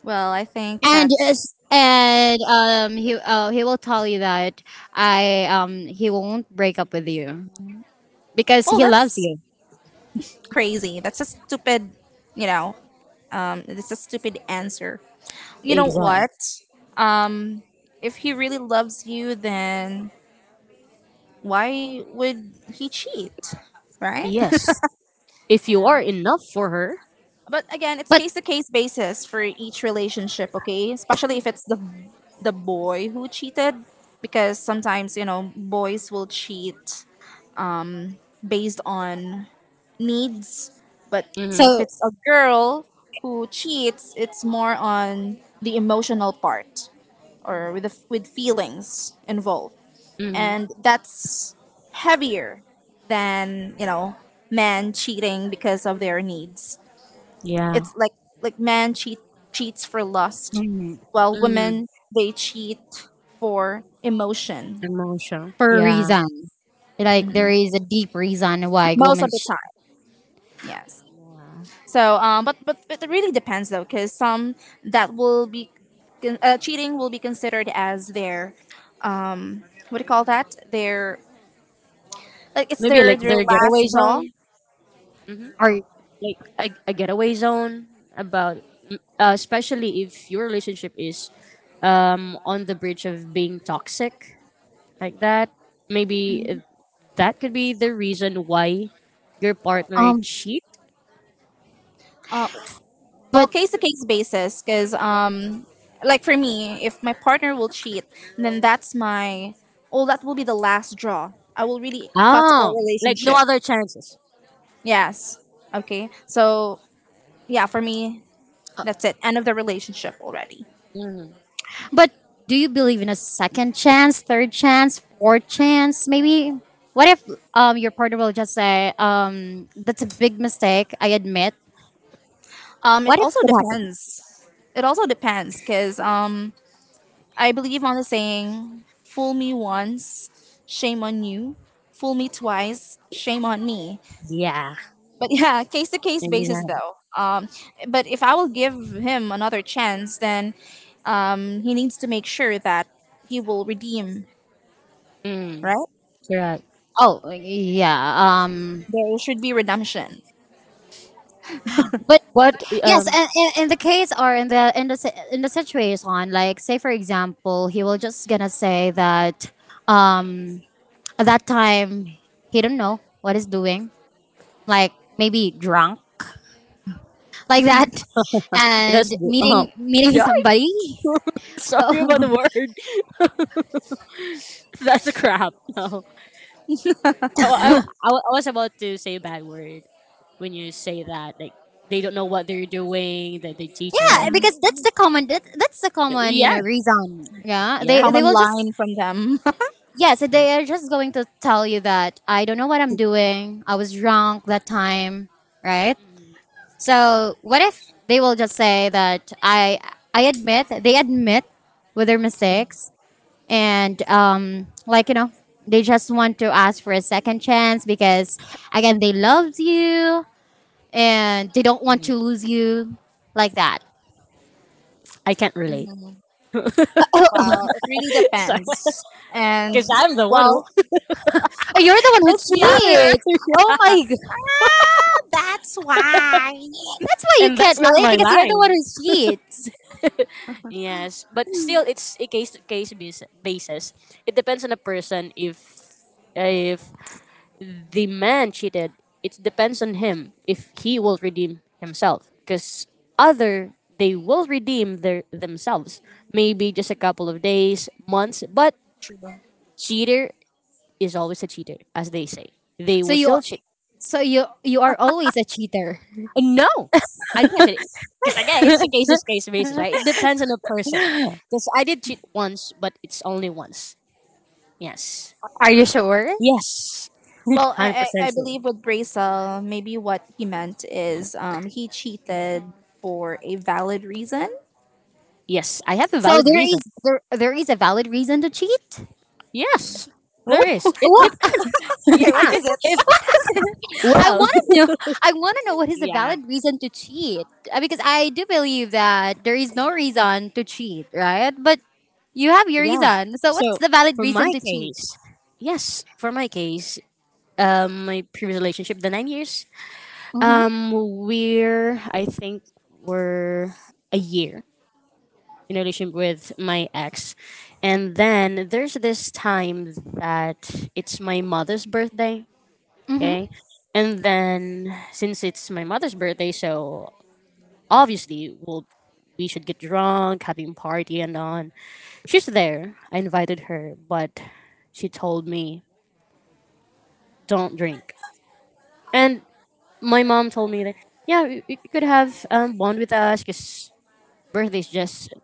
B: Well, I think
A: and is-
B: that's.
A: and um he uh, he will tell you that I um he won't break up with you because
B: Well,
A: he loves
B: that's
A: you.
B: crazy. That's a stupid, you know, um, it's a stupid answer. You know
C: Exactly.
B: what? Um, if he really loves you, then why would he cheat? Right?
C: Yes. If
B: You
C: you
B: know.
C: are enough for her.
B: But again, it's
A: But
B: case to case basis for each relationship, okay? Especially if it's the the boy who cheated because sometimes, you know, boys will cheat based on needs. But if
A: so
C: Mm-hmm.
B: it's a girl who cheats, it's more on the emotional part or with the, with feelings involved.
C: Mm-hmm.
B: And that's heavier than, you know, men cheating because of their needs.
C: Yeah.
B: It's like like man cheat cheats for lust,
A: mm,
B: while
C: Mm-hmm.
B: women they cheat for emotion
C: Emotion.
A: for a
C: Yeah.
A: reason. Like there is a deep reason why
B: most
A: women
B: of the
A: sh-
B: time. Yes.
C: Yeah.
B: So, um, but but but it really depends though, because some, that will be con- uh, cheating will be considered as their, um what do you call that? Their, like, it's
C: Maybe
B: their
C: like
B: their
C: their
B: last
C: getaway
B: draw.
C: zone. Hmm.
A: are
C: Like a, a getaway zone about, mm, uh, especially if your relationship is, um, on the bridge of being toxic, like that maybe, uh,
B: Mm-hmm.
C: that could be the reason why your partner
A: um
C: cheat.
B: Uh, well,
A: but
B: case to case basis because um like for me, if my partner will cheat, then that's my, oh, that will be the last draw. I will really cut our
C: Oh, like no
B: relationship.
C: other chances.
B: Yes, okay. So yeah, for me, that's it, end of the relationship already.
C: Mm,
A: but do you believe in a second chance, third chance, fourth chance, maybe? What if um your partner will just say, um that's a big mistake, I admit.
B: Um it
A: What if
B: also
A: it happened?
B: depends. It also depends because um I believe on the saying, fool me once, shame on you, fool me twice, shame on me.
C: yeah,
B: But yeah, case to case basis
C: exactly.
B: though. Um, but if I will give him another chance, then um, he needs to make sure that he will redeem.
C: Mm,
B: Right?
C: correct.
A: Oh yeah, um
B: There should be redemption.
A: but
C: But
A: yes,
C: um
A: in, in, in the case or in the in the si- in the situation, like say for example, he will just gonna say that um at that time, he don't know what he's doing. Like maybe drunk like that, and
C: that's good. Oh
A: meeting meeting
C: yeah.
A: somebody. Well,
C: Sorry about the word. That's a crap. No, I, I, I I was about to say a bad word when you say that, like, they don't know what they're doing, that they teach
A: yeah,
C: it.
A: because that's the common that, that's the common you
C: Yeah.
A: know reason. Yeah,
C: Yeah.
A: they they
B: Common
A: will just
B: line from them.
A: yes,
C: Yeah.
A: they are just going to tell you that I don't know what I'm doing. I was drunk that time, right?
C: Mm,
A: So what if they will just say that I I admit they admit with their mistakes and um, like you know they just want to ask for a second chance because again they loved you and they don't want
C: mm.
A: to lose you like that.
C: I can't relate.
B: Mhm.
A: Oh,
B: Well, it really
C: Because
B: depends. And
C: I'm the one who,
B: well,
A: you're the one who
C: it's the other way
A: cheats.
C: around,
A: Oh my god,
B: ah, that's why.
A: that's why you
C: and
A: can't
C: that's not
A: relate
C: my
A: because you're the one
C: line.
A: who cheats.
C: Yes, but still it's a case-to-case basis. It depends on the person. if if the man cheated, it depends on him if he will redeem himself. Because other, they will redeem their themselves maybe just a couple of days, months. But cheater is always a cheater, as they say. They
A: So
C: will
A: you,
C: still cheat.
A: so you you are always a cheater.
C: No, I think I said it. Because again, it's a case to case basis, right? It depends on the person. Because I did cheat once, but it's only once. Yes.
A: Are you sure?
C: Yes.
B: Well, I, I,
C: one hundred percent
B: I
C: sure.
B: believe with Bracel, maybe what he meant is, um, he cheated for a valid reason.
C: Yes. I have a
A: So
C: valid
A: there
C: reason.
A: is there there is a valid reason to cheat,
C: Yes. There
B: Oh,
C: is. It
A: what?
C: depends.
B: okay. What
C: Yeah.
B: is it?
C: If,
A: I
C: well,
A: want to know. I want to know what is a
C: yeah.
A: valid reason to cheat. Uh, because I do believe that there is no reason to cheat, right? But you have your
C: Yeah.
A: reason. So what's
C: So,
A: the valid
C: for
A: reason
C: my
A: to cheat?
C: case, yes, for my case, um, my previous relationship, the nine years,
A: Mm-hmm.
C: Um, we're, I think we're a year in a relationship with my ex, and then there's this time that it's my mother's birthday. Okay,
A: Mm-hmm.
C: and then since it's my mother's birthday, so obviously we'll we should get drunk, having party and on. She's there. I invited her, but she told me don't drink. And my mom told me that yeah, you you could have, um, bond with us because birthday's just,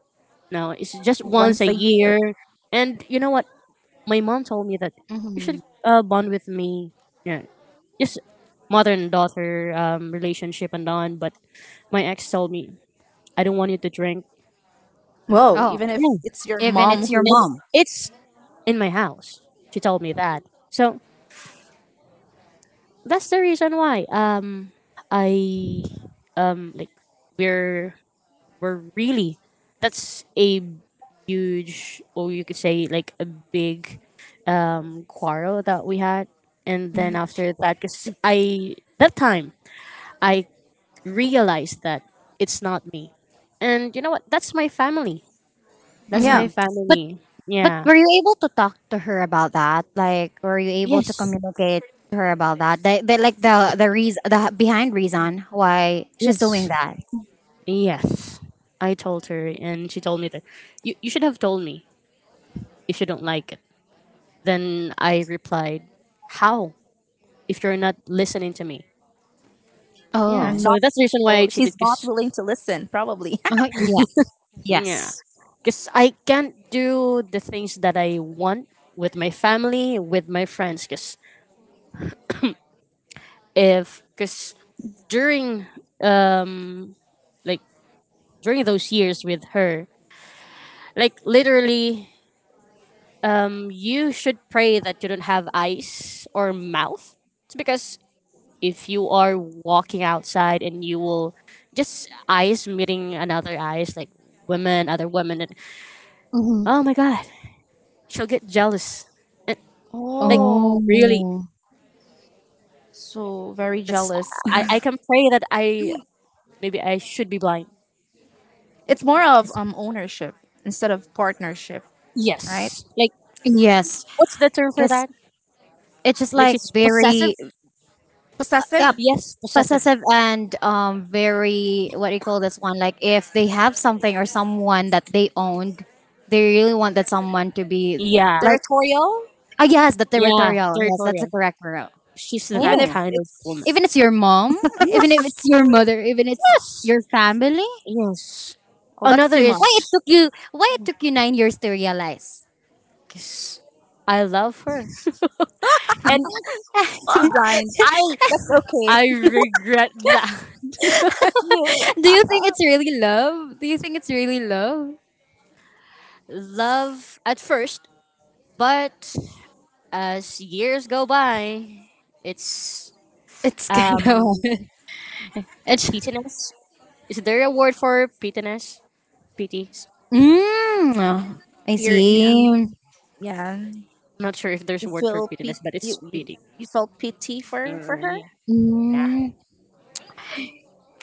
C: no, it's just once
B: Once
C: a
B: a year.
C: year. And you know what? My mom told me that you
A: Mm-hmm.
C: should uh, bond with me. Yeah, just mother and daughter, um, relationship and on. But my ex told me I don't want you to drink.
B: Whoa,
A: Oh,
B: even if
C: Yeah,
B: it's your
A: even
B: mom
A: it's your
B: who's,
C: and
A: mom.
C: it's in my house. She told me that. So that's the reason why, um I um like we're, were really, that's a huge, or you could say like a big, um quarrel that we had. And then after that, because I that time I realized that it's not me. And you know what, that's my family, that's my
B: yeah,
A: Mm-hmm. But
C: family.
A: but
C: Yeah.
A: were you able to talk to her about that? Like, were you able to
C: Yes,
A: communicate to her about that? The, the like the the reason, the behind reason why she's doing
C: yes,
A: that.
C: yes. I told her, and she told me that you, you should have told me if you don't like it. Then I replied, how, if you're not listening to me? Yeah,
B: and
A: Oh.
C: so
B: not,
C: that's the reason why I
B: oh,
C: cheated.
B: he's not
C: Cause
B: willing to listen, probably.
A: Uh-huh, yeah.
C: yeah,
A: Yes.
C: cause I can't do the things that I want with my family, with my friends. Cause if cause during, um like during those years with her, like literally, um you should pray that you don't have eyes or mouth. It's because if you are walking outside and you will just eyes meeting another eyes, like women, other women, and
A: Mm-hmm.
C: oh my god, she'll get jealous. And, like
B: Oh,
C: really,
A: Oh.
B: so very
C: that's
B: jealous.
C: I I can pray that I maybe I should be blind.
B: It's more of, um ownership instead of partnership, right?
C: Yes. Like
A: Yes,
C: what's the term for
A: because
C: that?
A: it's just
C: Like
A: like
C: she's possessive?
A: very yeah,
B: Possessive,
C: Yes, possessive.
A: possessive and um very what do you call this one? Like if they have something or someone that they owned, they really want that someone to be
C: Yeah.
A: like
B: territorial,
A: ah yes, the
C: Yeah,
A: territorial. Yes, that's the
C: territorial.
A: correct word.
C: She's
B: even
C: that
B: if
A: Oh,
C: kind of woman.
B: it's,
A: even if your mom, even if it's
C: Yes.
A: your mother, even it's
C: Yes.
A: your family.
C: Yes.
B: oh, that's
C: Another
B: too
A: Why
B: much,
C: is
A: it took you? Why it took you nine years to realize?
C: 'cause I love her. And uh,
B: too blind.
C: I
B: That's
C: I
B: okay.
C: regret that.
A: do you think it's really love? Do you think it's really love?
C: Love at first, but as years go by, it's,
A: It's kind of.
C: um
A: It's
C: pitiness. Is there a word for pitiness? Pity.
A: mm, I
B: You're
C: Yeah.
B: you,
A: see.
B: yeah,
C: I'm not sure if there's
B: you
C: a word for
B: feel
C: pitiness,
B: pit
C: but it's
B: you you
C: pity.
B: you felt pity for for
C: Mm,
B: her.
C: yeah.
A: Mm,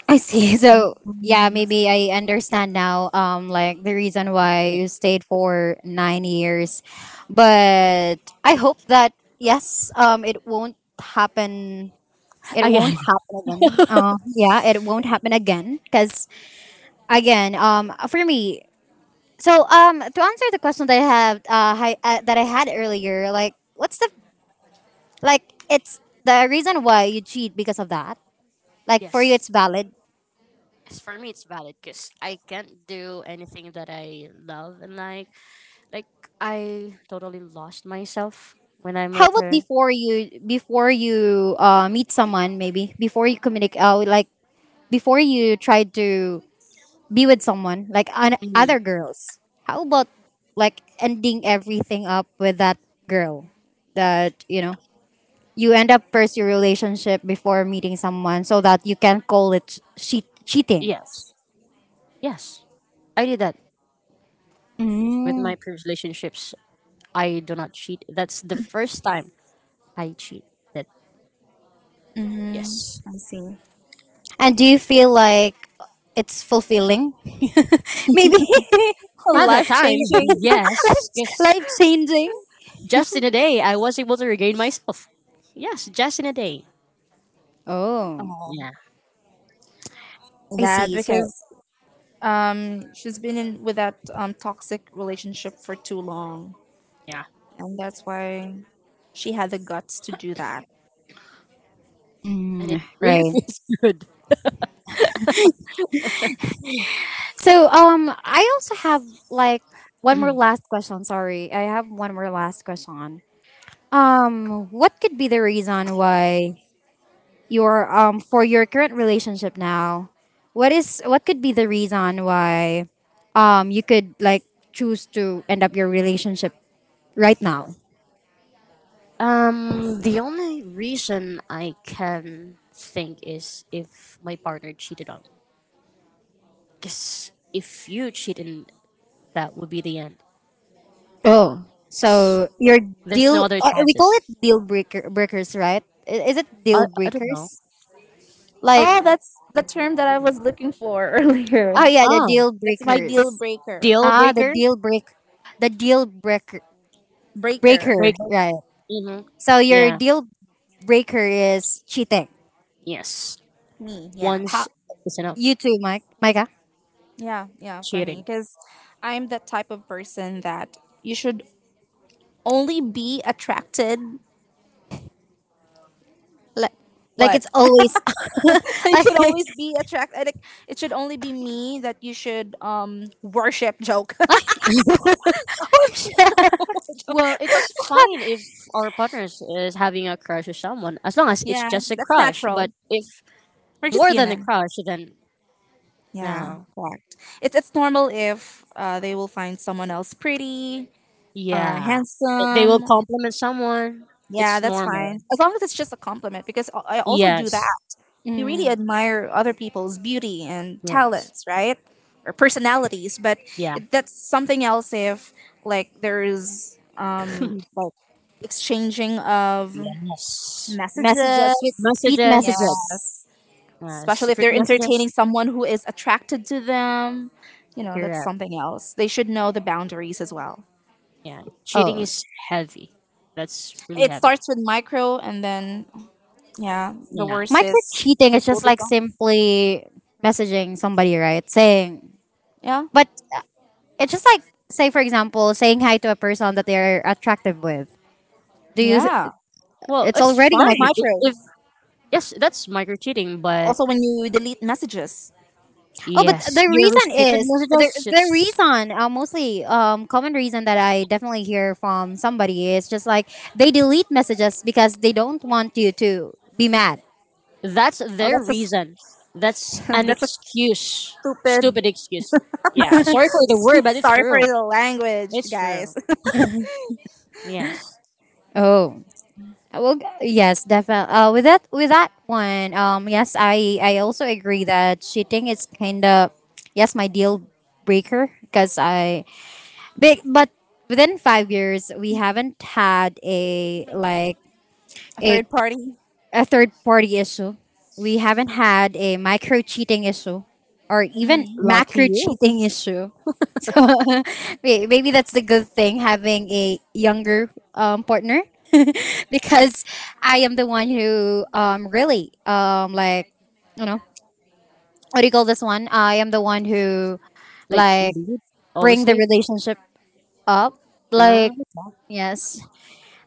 A: I see. So yeah, maybe I understand now. Um, like the reason why you stayed for nine years, but I hope that yes, um, it won't happen. It won't
C: Again.
A: happen again. Uh, yeah, it won't happen again. Cause again, um, for me. So um, to answer the question that I have, uh, hi, uh, that I had earlier, like, what's the like it's the reason why you cheat because of that. Like for you,
C: Yes.
A: it's valid.
C: As for me, it's valid because I can't do anything that I love and like. Like I totally lost myself when I'm
A: How
C: with
A: about
C: her.
A: before you before you uh, meet someone, maybe before you communicate, uh, like before you try to be with someone, like on
C: Mhm.
A: other girls. How about like ending everything up with that girl? That you know you end up first your relationship before meeting someone, so that you can call it cheat cheating.
C: Yes. Yes. I did that with my
A: Mm.
C: previous relationships. I do not cheat. That's the first time I cheat.
B: Mm-hmm.
C: Yes.
B: I see.
A: And do you feel like it's fulfilling? Maybe
C: At that
B: Life
C: time,
B: changing.
A: life
C: yes, because
A: life changing.
C: just in a day, I was able to regain myself. Yes, just in a day.
A: Oh,
B: Oh,
C: Yeah,
A: I
B: that
A: see. So
B: because um she's been in with that um toxic relationship for too long,
C: yeah.
B: and that's why she had the guts to do that.
C: And it
A: mm,
C: really
A: right.
C: feels good.
A: So um, I also have like one more last question. Sorry, I have one more last question. Um, what could be the reason why your um for your current relationship now? What is what could be the reason why um you could like choose to end up your relationship right now?
C: Um, the only reason I can think is if my partner cheated on me. Because if you cheat, and that would be the end.
A: Oh,
C: Yes.
A: so your
C: There's
A: deal
C: no other
A: uh, we call
C: chances.
A: it deal breaker breakers, right? I- Is it
C: I,
A: deal
C: I don't know.
A: breakers? Like
B: Oh, that's the term that I was looking for
A: oh
B: earlier.
A: yeah, the
C: Oh,
A: deal
B: That's my deal
A: breakers.
B: breaker.
C: deal
A: Ah, the
C: breaker?
A: deal break, the deal breaker
B: Breaker.
A: breaker,
C: Breaker?
A: right?
C: Hmm.
A: So your
C: Yeah,
A: deal breaker is cheating.
C: yes.
B: Me, yeah.
A: How
C: Once is enough.
A: you too, Mike, Micah?
B: Yeah, yeah, for me.
C: Cheating.
B: Because I'm the type of person that you should only be attracted.
A: Like, like
B: What?
A: it's always
B: You
A: like
B: should always be attracted. It should only be me that you should um worship, joke.
A: like oh shit.
C: Well, it's fine if our partners is having a crush with someone, as long as it's
B: Yeah,
C: just a
B: that's
C: crush.
B: natural.
C: But if
B: We're just
C: more than a
B: human.
C: crush, then
B: Yeah,
C: no.
B: correct. It, it's normal if uh, they will find someone else pretty or
C: Yeah, they will
B: handsome.
C: compliment someone.
B: Yeah,
C: It's
B: that's
C: normal.
B: fine. As long as it's just a compliment, because I I also do that.
C: Yes.
B: We really
A: Mm,
B: admire other people's beauty and
C: Yeah.
B: talents, right? Or personalities, but
C: Yeah.
B: it, that's something else if, like, there is, um, like, exchanging of
C: Yes.
A: messages,
B: messages.
A: sweet sweet
C: Messages.
A: messages.
B: Yes.
C: Uh,
B: Especially if
C: secret
B: they're
C: messages.
B: entertaining someone who is attracted to them. You know, that's
C: Correct.
B: something else. They should know the boundaries as well.
C: Yeah. Cheating
A: Oh,
C: is heavy. That's really
B: It
C: heavy.
B: starts with micro, and then, yeah, the
C: Yeah.
B: worst
A: micro
B: is
A: cheating is
B: fifth will
A: just like
B: become.
A: simply messaging somebody, right? Saying,
B: Yeah,
A: but uh, it's just like, say, for example, saying hi to a person that they're attractive with. Do you?
B: yeah,
C: Well,
A: It's
C: it's
A: already
B: that's
A: micro
C: fine i-
A: cheat.
B: micro.
C: if yes, that's micro cheating, but
B: Also, when you delete messages.
A: Oh, but
C: yes,
A: the
C: your
A: reason
C: restricted
A: is the
C: messages.
A: the
C: It's
A: reason, uh, mostly um, common reason that I definitely hear from somebody is just like they delete messages because they don't want you to be mad.
C: that's
B: Oh,
C: their
B: that's a s-
C: reason. That's an
B: that's a
C: excuse.
B: stupid.
C: Stupid excuse. Yeah, sorry for the word, but it's
B: Sorry for
C: true.
B: the language,
C: It's
B: guys.
C: true. Yes.
A: Oh. Uh, well, yes, definitely. Uh, with that, with that one, um, yes, I, I also agree that cheating is kind of, yes, my deal breaker because I big, but within five years we haven't had a like
B: A
A: a
B: third party.
A: a third party issue. We haven't had a micro cheating issue or even
B: Hmm.
C: Lucky
A: macro
C: you.
A: cheating issue. May- Maybe that's the good thing having a younger um, partner because I am the one who um, really um, like you know what do you call this one? I am the one who
C: Like,
A: like
C: you
A: bring
C: always
A: the
C: late.
A: relationship up like
C: Mm.
A: yes.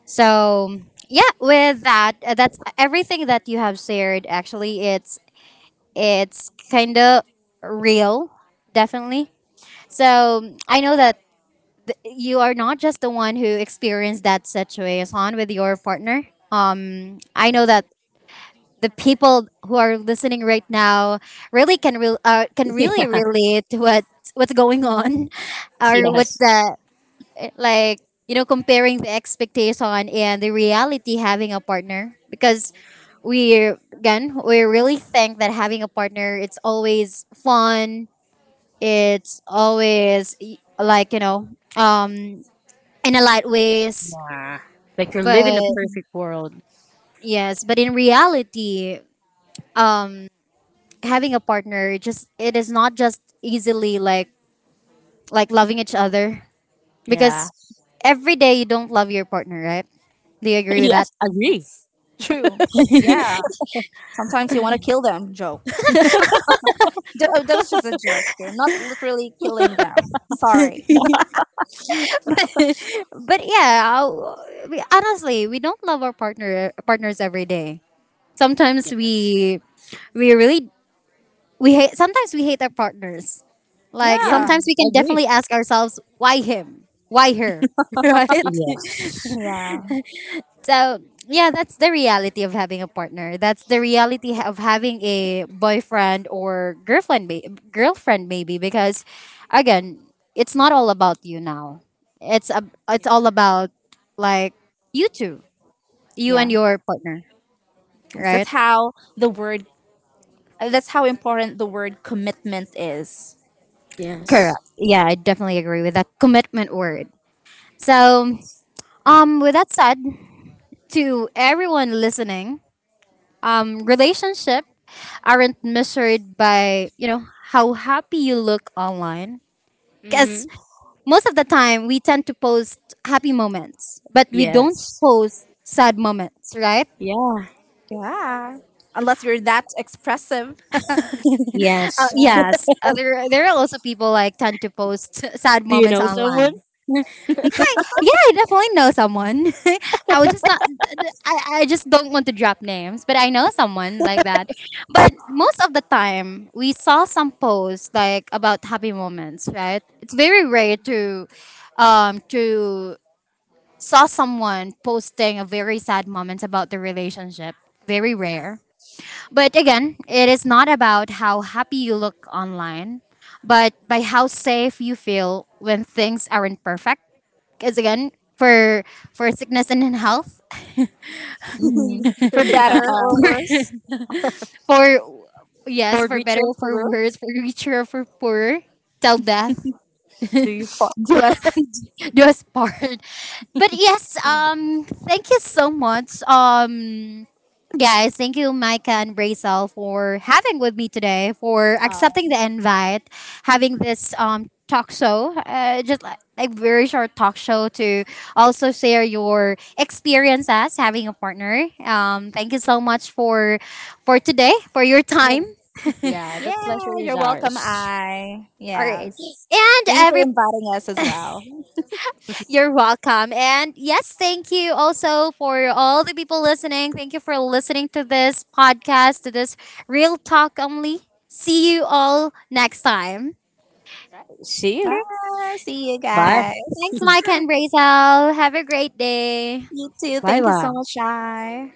A: So yeah, with that uh, that's everything that you have shared. Actually it's it's kind of real, definitely. So I know that you are not just the one who experienced that situation with your partner. Um, I know
C: Yeah.
A: that the people who are listening right now really can re- uh, can really
C: Yes,
A: relate to what what's going on, or what's
C: yes.
A: the like you know comparing the expectation and the reality having a partner because we again we really think that having a partner it's always fun, it's always y- like you know um in a light ways.
C: Yeah. Like, you're
A: But
C: living a perfect world.
A: yes, but in reality, um, having a partner just it is not just easily like like loving each other
C: Yeah.
A: because every day you don't love your partner, right? Do you agree with that?
C: Yes, agree.
B: True. Yeah. Sometimes you want to kill them. Joke. Th- oh, that was just a joke. Okay? I'm not literally killing them. Sorry.
A: But yeah, I- we, honestly, we don't love our partner partners every day. Sometimes
C: Yes.
A: we we really we hate. Sometimes we hate our partners. Like
C: Yeah,
B: Yeah.
A: sometimes we can
C: agree.
A: definitely ask ourselves, why him? Why her? Right?
C: Yes.
B: Yeah.
A: So yeah, that's the reality of having a partner. That's the reality ha- of having a boyfriend or girlfriend, may- girlfriend maybe. Because again, it's not all about you now. It's a, it's
C: Yeah.
A: all about like you two, you and
B: Yeah.
A: your partner,
B: Because that's
A: right?
B: how the word, uh, that's how important the word commitment is.
A: Correct.
C: Yes.
A: Yeah, I definitely agree with that commitment word. So um, with that said, to everyone listening, um, relationship aren't measured by you know how happy you look online because
C: Mm-hmm.
A: most of the time we tend to post happy moments, but we don't
C: Yes.
A: post sad moments, right?
C: Yeah.
B: Yeah. Unless you're that expressive.
C: Yes.
A: Uh,
B: Yeah.
A: yes, uh, there, there are also people like tend to post sad
C: Do you
A: moments
C: know someone?
A: online. Yeah, I definitely know someone. I would just not. I, I just don't want to drop names, but I know someone like that. But most of the time, we saw some posts like about happy moments, right? It's very rare to, um, to saw someone posting a very sad moments about the relationship. Very
C: Yeah.
A: rare. But again, it is not about how happy you look online, but by how safe you feel when things aren't perfect. Is again for for sickness and in health,
B: Mhm. For
C: Yeah.
B: better or worse.
A: for yes,
C: For
A: for
C: Richo
A: better
C: and
A: for
C: Puru,
A: worse, for richer for poorer, till death
C: do you fuck?
B: Do us.
A: do us part. But yes, um, thank you so much, um, guys. Thank you, Micah and Brazel, for having with me today, for
B: Uh,
A: accepting the invite, having this um talk show, uh, just like a very short talk show to also share your experience as having a partner. Um, thank you so much for for today, for your
B: you-
A: time.
C: Yeah, the
B: yeah.
C: pleasure is
B: You're welcome,
C: ours.
B: I.
A: All right,
B: Yes.
A: and
B: Thank you for
A: every
B: inviting us as well.
A: you're welcome. And yes, thank you also for all the people listening. Thank you for listening to this podcast, to this Real Talk Only. See you all next time.
C: Right. See you.
B: Bye. See you
C: Bye.
B: guys.
A: Thanks, Mike and Brazel. Have a great day.
B: You too.
C: Bye
B: Thank you so
C: bye.
B: much, I.